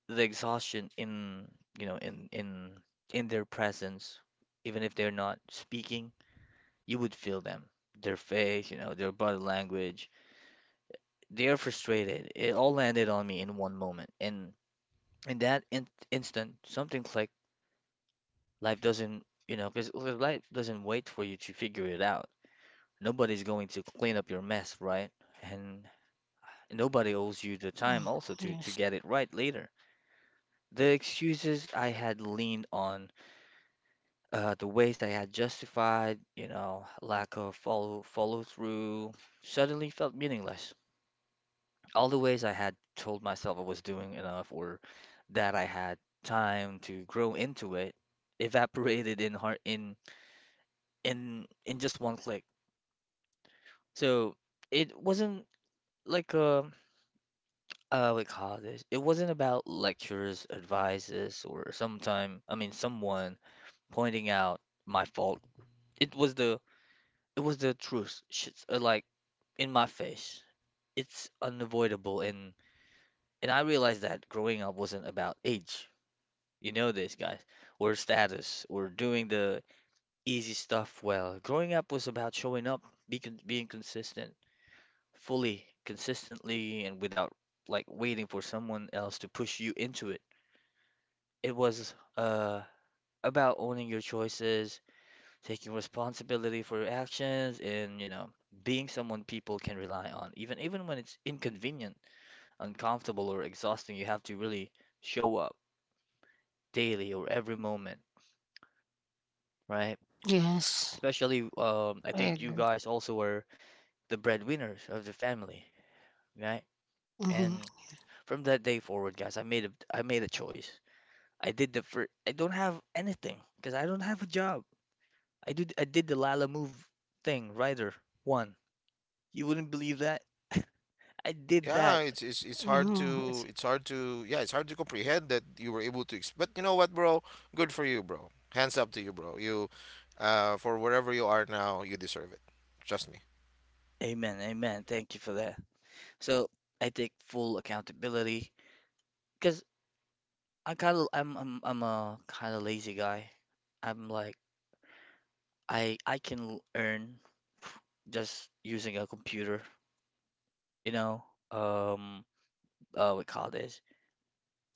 S1: the exhaustion in, you know, in in in their presence, even if they're not speaking, you would feel them, their face, you know, their body language. They are frustrated. It all landed on me in one moment, and in that in- instant, something clicked. Life doesn't, you know, because life doesn't wait for you to figure it out. Nobody's going to clean up your mess, right? And nobody owes you the
S3: Mm.
S1: time also to to
S3: Yes.
S1: get it right later. The excuses I had leaned on uh, the ways I had justified, you know, lack of follow follow through, suddenly felt meaningless. All the ways I had told myself I was doing enough or that I had time to grow into it evaporated in heart in in in just one click. So it wasn't like a uh what you call this? It wasn't about lectures, advices, or sometime I mean someone pointing out my fault. It was the it was the truth. Shit's uh, like in my face. It's unavoidable and and I realized that growing up wasn't about age. You know this, guys. We're status. We're doing the easy stuff well. Growing up was about showing up, be con being consistent, fully, consistently, and without like waiting for someone else to push you into it. It was uh about owning your choices, taking responsibility for your actions, and you know, being someone people can rely on. Even even when it's inconvenient, uncomfortable, or exhausting, you have to really show up daily or every moment, right?
S3: Yes,
S1: Especially, um, I
S3: I
S1: think you
S3: agree.
S1: guys also were the breadwinners of the family, right?
S3: Mhm.
S1: And from that day forward, guys, I made a I made a choice. I did the first. I don't have anything because I don't have a job. I do I did the Lala move thing, Rider one. You wouldn't believe that. <laughs> I did
S2: Yeah,
S1: that.
S2: it's it's it's hard
S3: Oh, it's-
S2: to it's hard to, yeah, it's hard to comprehend that you were able to ex- but you know what, bro? Good for you, bro. Hands up to you, bro. You uh for wherever you are now, you deserve it. Trust me.
S1: Amen, amen. Thank you for that. So I take full accountability because I kind of I'm I'm I'm a kind of lazy guy. I'm like I I can l- earn f- just using a computer, you know. Um, uh, we call this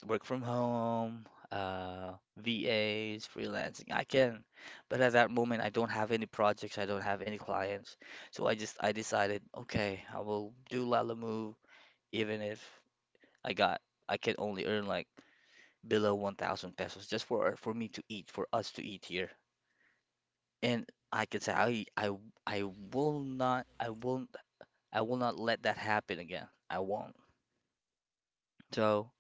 S1: work from home, uh, V A s, freelancing. I can, but at that moment, I don't have any projects. I don't have any clients, so I just I decided, okay, I will do Lala even if I got I can only earn like below one thousand pesos just for for me to eat, for us to eat here, and I can say I I I will not I won't I will not let that happen again. I won't. So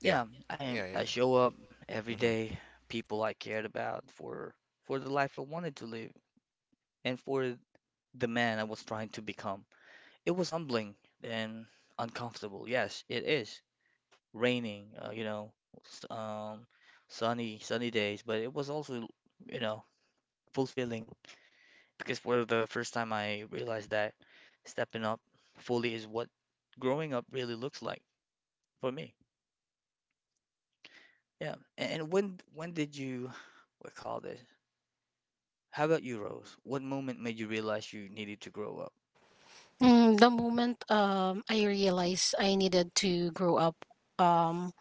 S2: Yeah.
S1: yeah, I
S2: Yeah, yeah.
S1: I show up every
S2: Yeah. Mhm.
S1: day, people I cared about for for the life I wanted to live and for the man I was trying to become. It was humbling and uncomfortable. Yes, it is. Raining, uh, you know, s- um, sunny sunny days, but it was also, you know, fulfilling because for the first time I realized that stepping up fully is what growing up really looks like for me. Yeah. a- And when when did you what call this? How about you, Rose? What moment made you realize you needed to grow up?
S3: Mm, the moment um I realized I needed to grow up, um,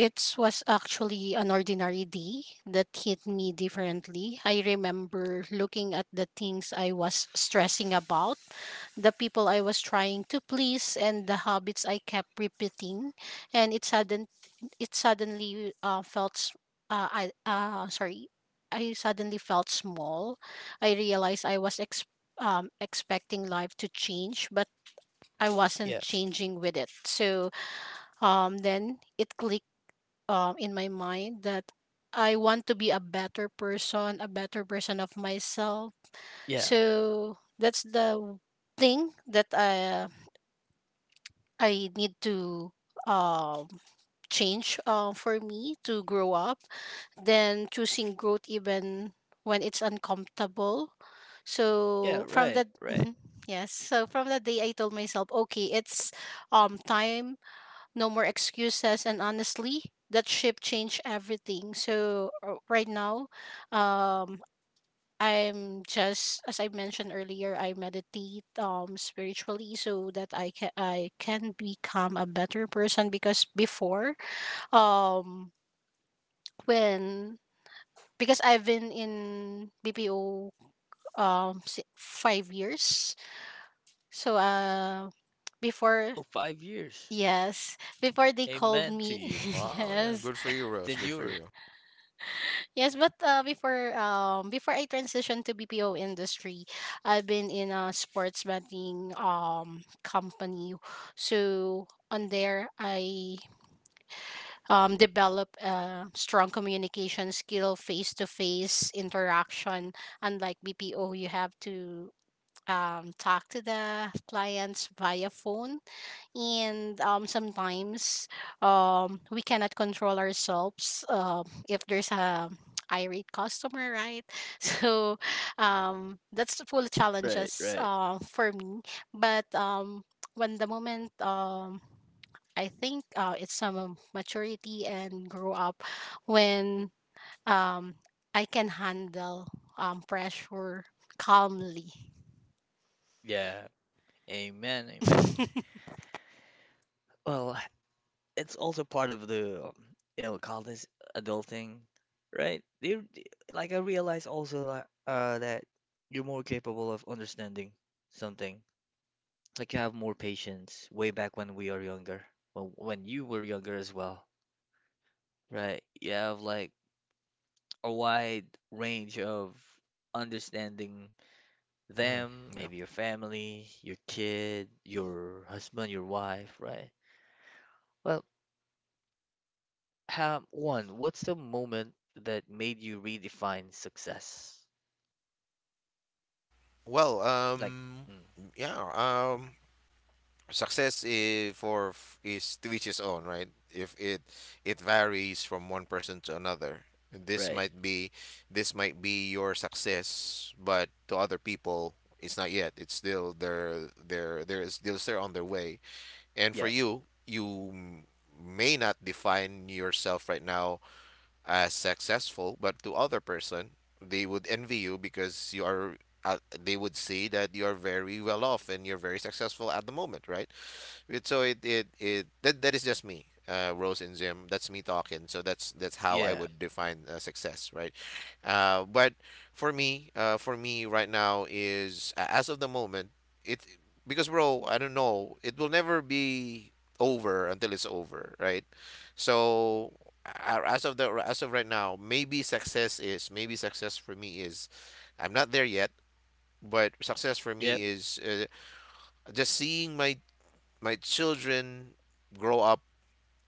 S3: it was actually an ordinary day that hit me differently. I remember looking at the things I was stressing about, the people I was trying to please, and the habits I kept repeating, and it sudden it suddenly uh, felt s- uh, I uh, sorry, I suddenly felt small. I realized I was ex- um, expecting life to change, but I wasn't
S1: Yeah,
S3: changing with it. So, um, then it clicked um, in my mind that I want to be a better person, a better person of myself.
S1: yeah,
S3: So that's the thing that I I need to um change uh, for me to grow up. Then choosing growth even when it's uncomfortable.
S1: yeah,
S3: So from
S1: right,
S3: that
S1: right.
S3: Mhm. <laughs> yes, so from that day I told myself, okay, it's um time, no more excuses, and honestly that shift changed everything. So uh, right now, um I'm just as I mentioned earlier, I meditate um spiritually so that I can I can become a better person because before, um when because I've been in B P O um si- five years. So uh before,
S1: Oh, five years.
S3: yes, before they called
S1: Amen to
S3: me. <laughs>
S1: you.
S2: Wow, yeah,
S3: Yes.
S2: good for you, Rose.
S1: Then
S2: Good for
S1: you're
S2: you.
S3: Yes, but uh, before, um before I transitioned to B P O industry, I've been in a sports betting um company. So on there, I um develop a strong communication skill, face to face interaction. Unlike B P O, you have to um talk to the clients via phone and, um, sometimes um, we cannot control ourselves um, if there's a irate customer, right? <laughs> So, um, that's the full
S1: right,
S3: challenges
S1: right.
S3: uh, for me, but, um, when the moment, um, I think, uh, it's some maturity and grow up when, um, I can handle, um, pressure calmly.
S1: Yeah, amen, amen.
S3: <laughs>
S1: Well, it's also part of the, um, you know, call this adulting, right? They, they- like I realize also uh, uh that you're more capable of understanding something like you have more patience way back when we are younger, when when you were younger as well, right? You have like a wide range of understanding
S2: Mhm.
S1: them,
S2: Yeah.
S1: maybe your family, your kid, your husband, your wife, right? Well, how one, what's the moment that made you redefine success?
S2: Well,
S1: Like,
S2: um
S1: mm,
S2: yeah, um, success is for f- is to each his own, right? If it it varies from one person to another. This
S1: right?
S2: might be this might be your success, but to other people it's not yet. It's still they're they're they're still still on their way. And for
S1: Yeah,
S2: you, you m- may not define yourself right now as successful, but to other person, they would envy you because you are uh, they would see that you are very well off and you're very successful at the moment, right? It, so it, it it that that is just me, uh, Rose and Jim. That's me talking. So that's that's how I
S1: yeah,
S2: would define uh, success, right? Uh, but for me, uh, for me right now is a- as of the moment, it because bro, I don't know, it will never be over until it's over, right? So a- as of the as of right now, maybe success is maybe success for me is I'm not there yet, but success for me
S1: yep,
S2: is uh, just seeing my my children grow up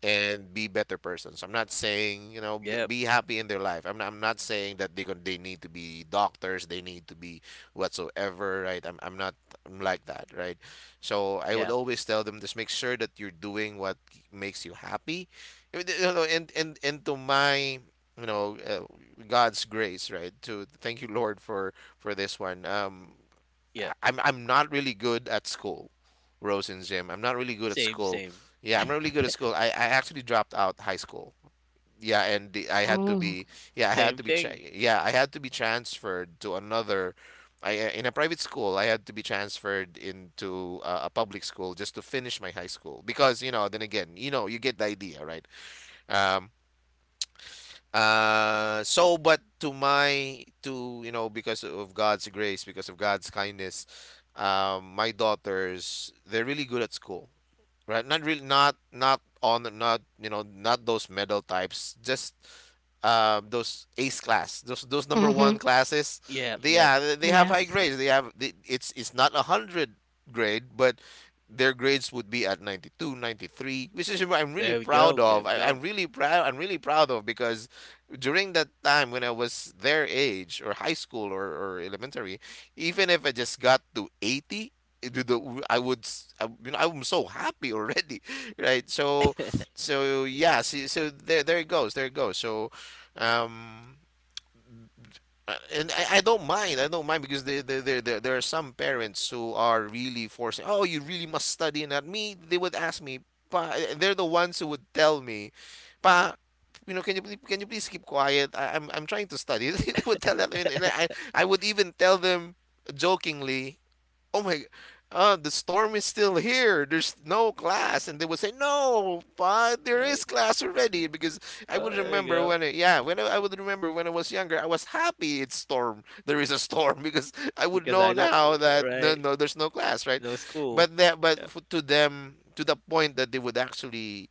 S2: and be better persons. I'm not saying, you know, b-
S1: yep,
S2: be happy in their life. I'm I'm not saying that they gon- they need to be doctors. They need to be whatsoever. Right. I'm I'm not I'm like that. Right. So I would
S1: yeah,
S2: always tell them just make sure that you're doing what makes you happy. I mean, you know, and and and to my, you know, uh, God's grace. Right. To thank you, Lord, for for this one. Um.
S1: yeah.
S2: I- I'm I'm not really good at school, Rose and Jim. I'm not really good at
S1: Same,
S2: school.
S1: same,
S2: Yeah, I'm not really good at school. I, I actually dropped out high school. Yeah, and the, I had to
S3: Mm-hmm.
S2: be, yeah, I had
S1: same
S2: to be tra-
S1: thing.
S2: yeah, I had to be transferred to another. I in a private school. I had to be transferred into uh, a public school just to finish my high school because you know. Then again, you know, you get the idea, right? Um, uh, so, but to my, to, you know, because of God's grace, because of God's kindness, um, my daughters, they're really good at school, right? Not really, not, not on, not, you know, not those medal types, just um, those ace class, those those number one classes,
S1: Yep,
S2: they,
S1: yep.
S2: yeah, they they have high
S3: Yes.
S2: grades. They have they, it's it's not a hundred grade, but their grades would be at ninety two, ninety three, which is what I'm really
S1: There we
S2: proud
S1: go. There
S2: of.
S1: we
S2: I,
S1: go.
S2: I'm really proud. I'm really proud of because during that time when I was their age or high school or, or elementary, even if I just got to eighty, it would- the- I would, s- I, you know, I'm so happy already, <laughs> right? So,
S1: <laughs>
S2: so yeah, see, so there, there it goes, there it goes. So, um, uh, and I, I don't mind. I don't mind because there, there, there, there there are some parents who are really forcing, oh, you really must study. And at me, they would ask me, pa, they're the ones who would tell me, pa, you know, can you please, can you please keep quiet? I, I'm, I'm trying to study. <laughs> They would tell that. And, and I, I would even tell them jokingly, <laughs> oh my, uh, the storm is still here. There's no class, and they would say, no, but there is
S1: Oh,
S2: class already because I
S1: oh,
S2: would
S1: there we
S2: remember
S1: go.
S2: when, I, yeah, when I, I would remember when I was younger, I was happy it's storm. There is a storm <laughs> because I would
S1: Because
S2: know
S1: I don't, eh,
S2: now that no,
S1: right?
S2: no, there's no class, right?
S1: No school.
S2: But that, but
S1: Yep.
S2: f- to them. To the point that they would actually,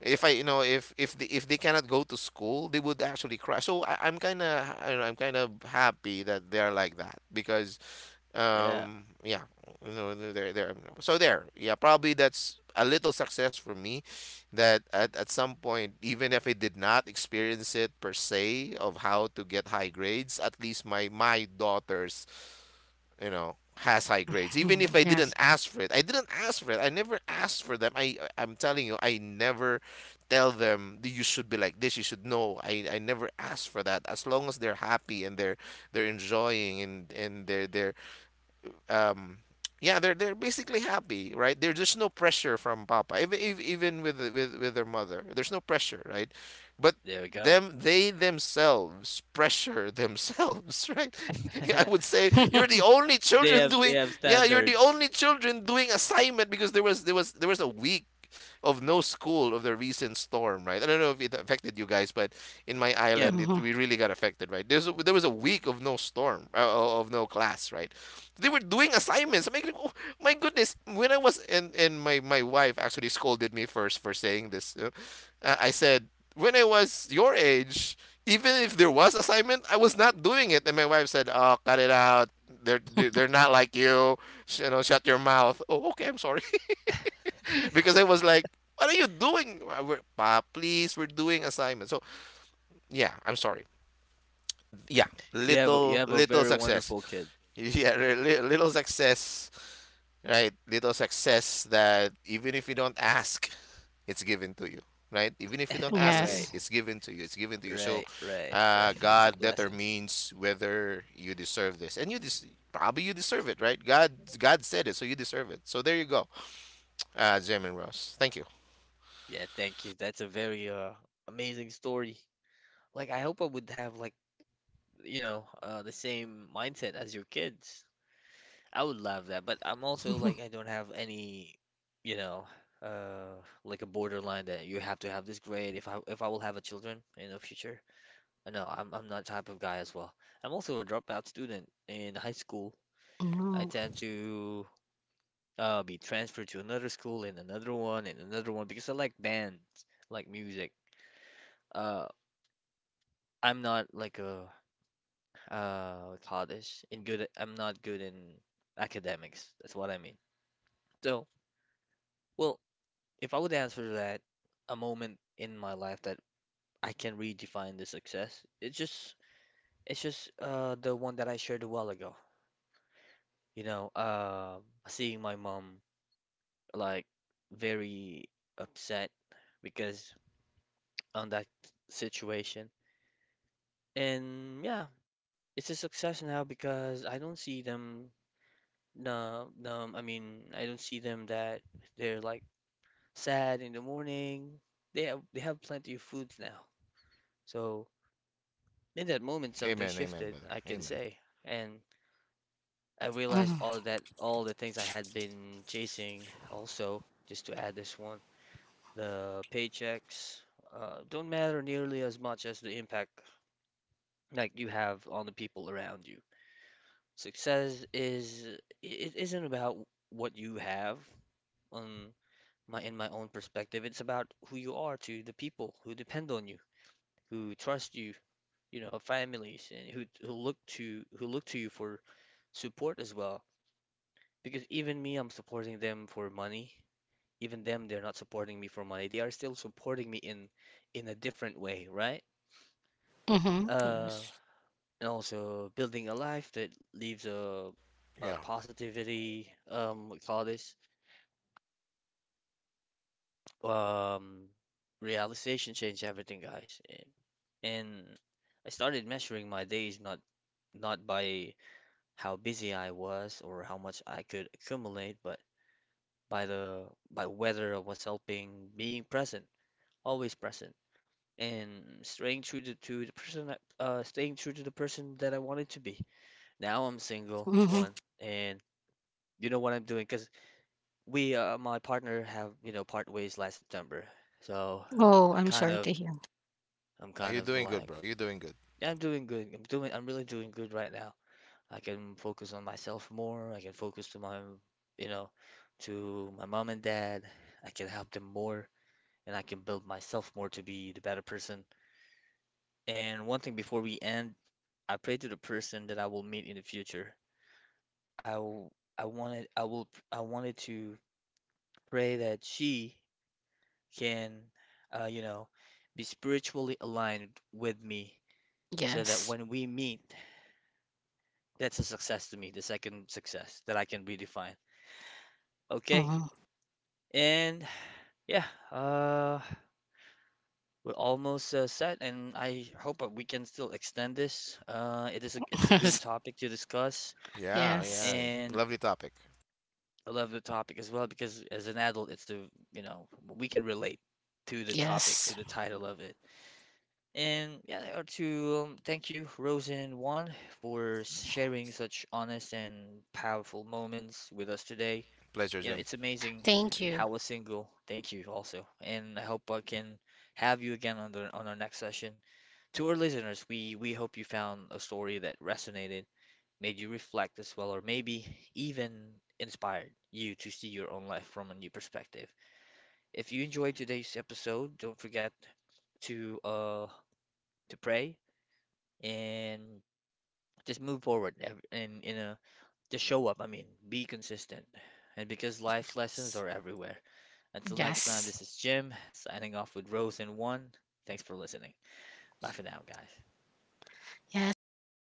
S2: if I, you know, if if they, if they cannot go to school, they would actually cry. So I, I'm kind of, I'm kind of happy that they are like that because
S1: Yeah.
S2: um yeah, you know, no, there there um, so there yeah probably that's a little success for me that at, at some point even if I did not experience it per se of how to get high grades, at least my my daughters, you know, has high grades even
S3: Mhm.
S2: if I
S3: Yes.
S2: didn't ask for it, I didn't ask for it, I never asked for them, i I- am telling you, I never tell them, "Th- you should be like this, you should know." I i never ask for that, as long as they're happy and they're they're enjoying, and and they're they're um yeah, they're they're basically happy, right? There, there's no pressure from papa, even if- even with with with their mother, there's no pressure, right? But
S1: There we go.
S2: them, they themselves pressure themselves, <laughs> right? <laughs> I
S1: <laughs>
S2: would say you're the
S3: <laughs>
S2: only
S1: They
S2: children
S1: have they
S2: doing,
S1: have
S2: yeah, you're the
S1: standards.
S2: only children doing assignment because there was there was there was a week of no school of the recent storm, right? I don't know if it affected you guys, but in my
S1: Yep.
S2: island it,
S3: Hmm.
S2: we really got affected, right? There's a, there was a week of no storm, uh, of no class, right? They were doing assignments. I'm like, oh, my goodness. When I was, and and my my wife actually scolded me first for saying this. Uh, I said when I was your age, even if there was assignment, I was not doing it. And my wife said, "Oh, cut it out. They're they're not like you. Sh- You know, shut your mouth." Oh, okay. I'm sorry, <laughs> because I was like, "What are you doing, uh, we're- pa? Please, we're doing assignments." So yeah, I'm sorry. Yeah,
S1: You have a- you
S2: little
S1: have a
S2: little
S1: very
S2: success.
S1: wonderful kid.
S2: <laughs> Yeah, li- little success, right? Little success that even if you don't ask, it's given to you, right? Even if you don't ask it,
S1: Right.
S3: Yes.
S2: it's given to you. It's given to you. So,
S1: Right. Right.
S2: uh,
S1: Right. It's a
S2: God
S1: blessing.
S2: determines whether you deserve this, and you des- probably you deserve it, right? God, God said it, so you deserve it. So there you go, uh, Jim and Ross. Thank you.
S1: Yeah. Thank you. That's a very uh amazing story. Like I hope I would have like you know uh the same mindset as your kids. I would love that, but I'm also like I don't have any, you know, uh, like a borderline that you have to have this grade if I if I will have a children in the future. Uh, No, I'm I'm not type of guy as well. I'm also a dropout student in high school. I
S3: Mm-hmm.
S1: tend to uh be transferred to another school and another one and another one because I like bands, like music. Uh, I'm not like a uh college in good. I'm not good in academics. That's what I mean. So. Well, if I would answer that, a moment in my life that I can redefine the success, it's just it's just uh the one that I shared a while ago. You know, uh, seeing my mom like very upset because on that situation. And yeah, it's a success now because I don't see them no no I mean I don't see them that they're like sad in the morning. They have they have plenty of foods now. So in that moment something
S2: Amen. Amen,
S1: shifted,
S2: brother.
S1: I can
S2: Amen.
S1: say. And I realized all that all the things I had been chasing also, just to add this one, the paychecks uh, don't matter nearly as much as the impact like you have on the people around you. Success is it isn't about what you have on my in my own perspective. It's about who you are to the people who depend on you, who trust you, you know, families and who who look to who look to you for support as well. Because even me, I'm supporting them for money. Even them, they're not supporting me for money. They are still supporting me in in a different way, right?
S3: Mm-hmm.
S1: Uh,
S3: Yes.
S1: and also building a life that leaves a, a
S2: Yeah.
S1: positivity, um, we call this, um, realization change everything, guys. And, and I started measuring my days not not by how busy I was or how much I could accumulate, but by the by whether I was helping, being present, always present, and staying true to, to the person uh staying true to the person that I wanted to be. Now I'm single,
S3: Mm-hmm.
S1: one, and you know what I'm doing because we uh, my partner have you know part ways last September, so
S3: Oh,
S1: I'm
S3: I'm
S1: kind
S3: sorry
S1: of
S3: to hear.
S1: I'm
S2: Oh,
S1: kind
S2: you're
S1: of
S2: doing good,
S1: like
S2: bro. You're doing good.
S1: yeah, I'm doing good. I'm doing I'm really doing good right now. I can focus on myself more. I can focus to my you know to my mom and dad. I can help them more and I can build myself more to be the better person. And one thing before we end, I pray to the person that I will meet in the future. I w- I wanted I will I wanted to pray that she can uh, you know be spiritually aligned with me so that
S3: Yes.
S1: when we meet, that's a success to me, the second success that I can redefine. Okay.
S3: Hmm.
S1: And yeah, uh, we're almost uh, set, and I hope that we can still extend this. Uh, it is a, it's
S3: <laughs>
S1: a good
S3: Yes.
S1: topic to discuss.
S2: Yeah.
S3: Yes.
S2: Yeah.
S1: And
S2: Lovely topic.
S1: I love the topic as well because as an adult, it's a, you know, we can relate to the topic,
S3: Yes.
S1: to the title of it. And yeah, to um, thank you, Rosen One, for sharing such honest and powerful moments with us today.
S2: Pleasure,
S1: You know,
S2: Jim.
S1: it's amazing
S3: Thank you.
S1: how a single. Thank you also, and I hope I can have you again on the on our next session. To our listeners, we we hope you found a story that resonated made you reflect as well, or maybe even inspired you to see your own life from a new perspective. If you enjoyed today's episode, don't forget to uh to pray and just move forward and in a just show up. I mean, be consistent. And because life's lessons are everywhere. Until next time,
S3: Yes.
S1: this is Jim signing off with Rose and One. Thanks for listening. Bye for now, guys.
S3: Yes. Bye.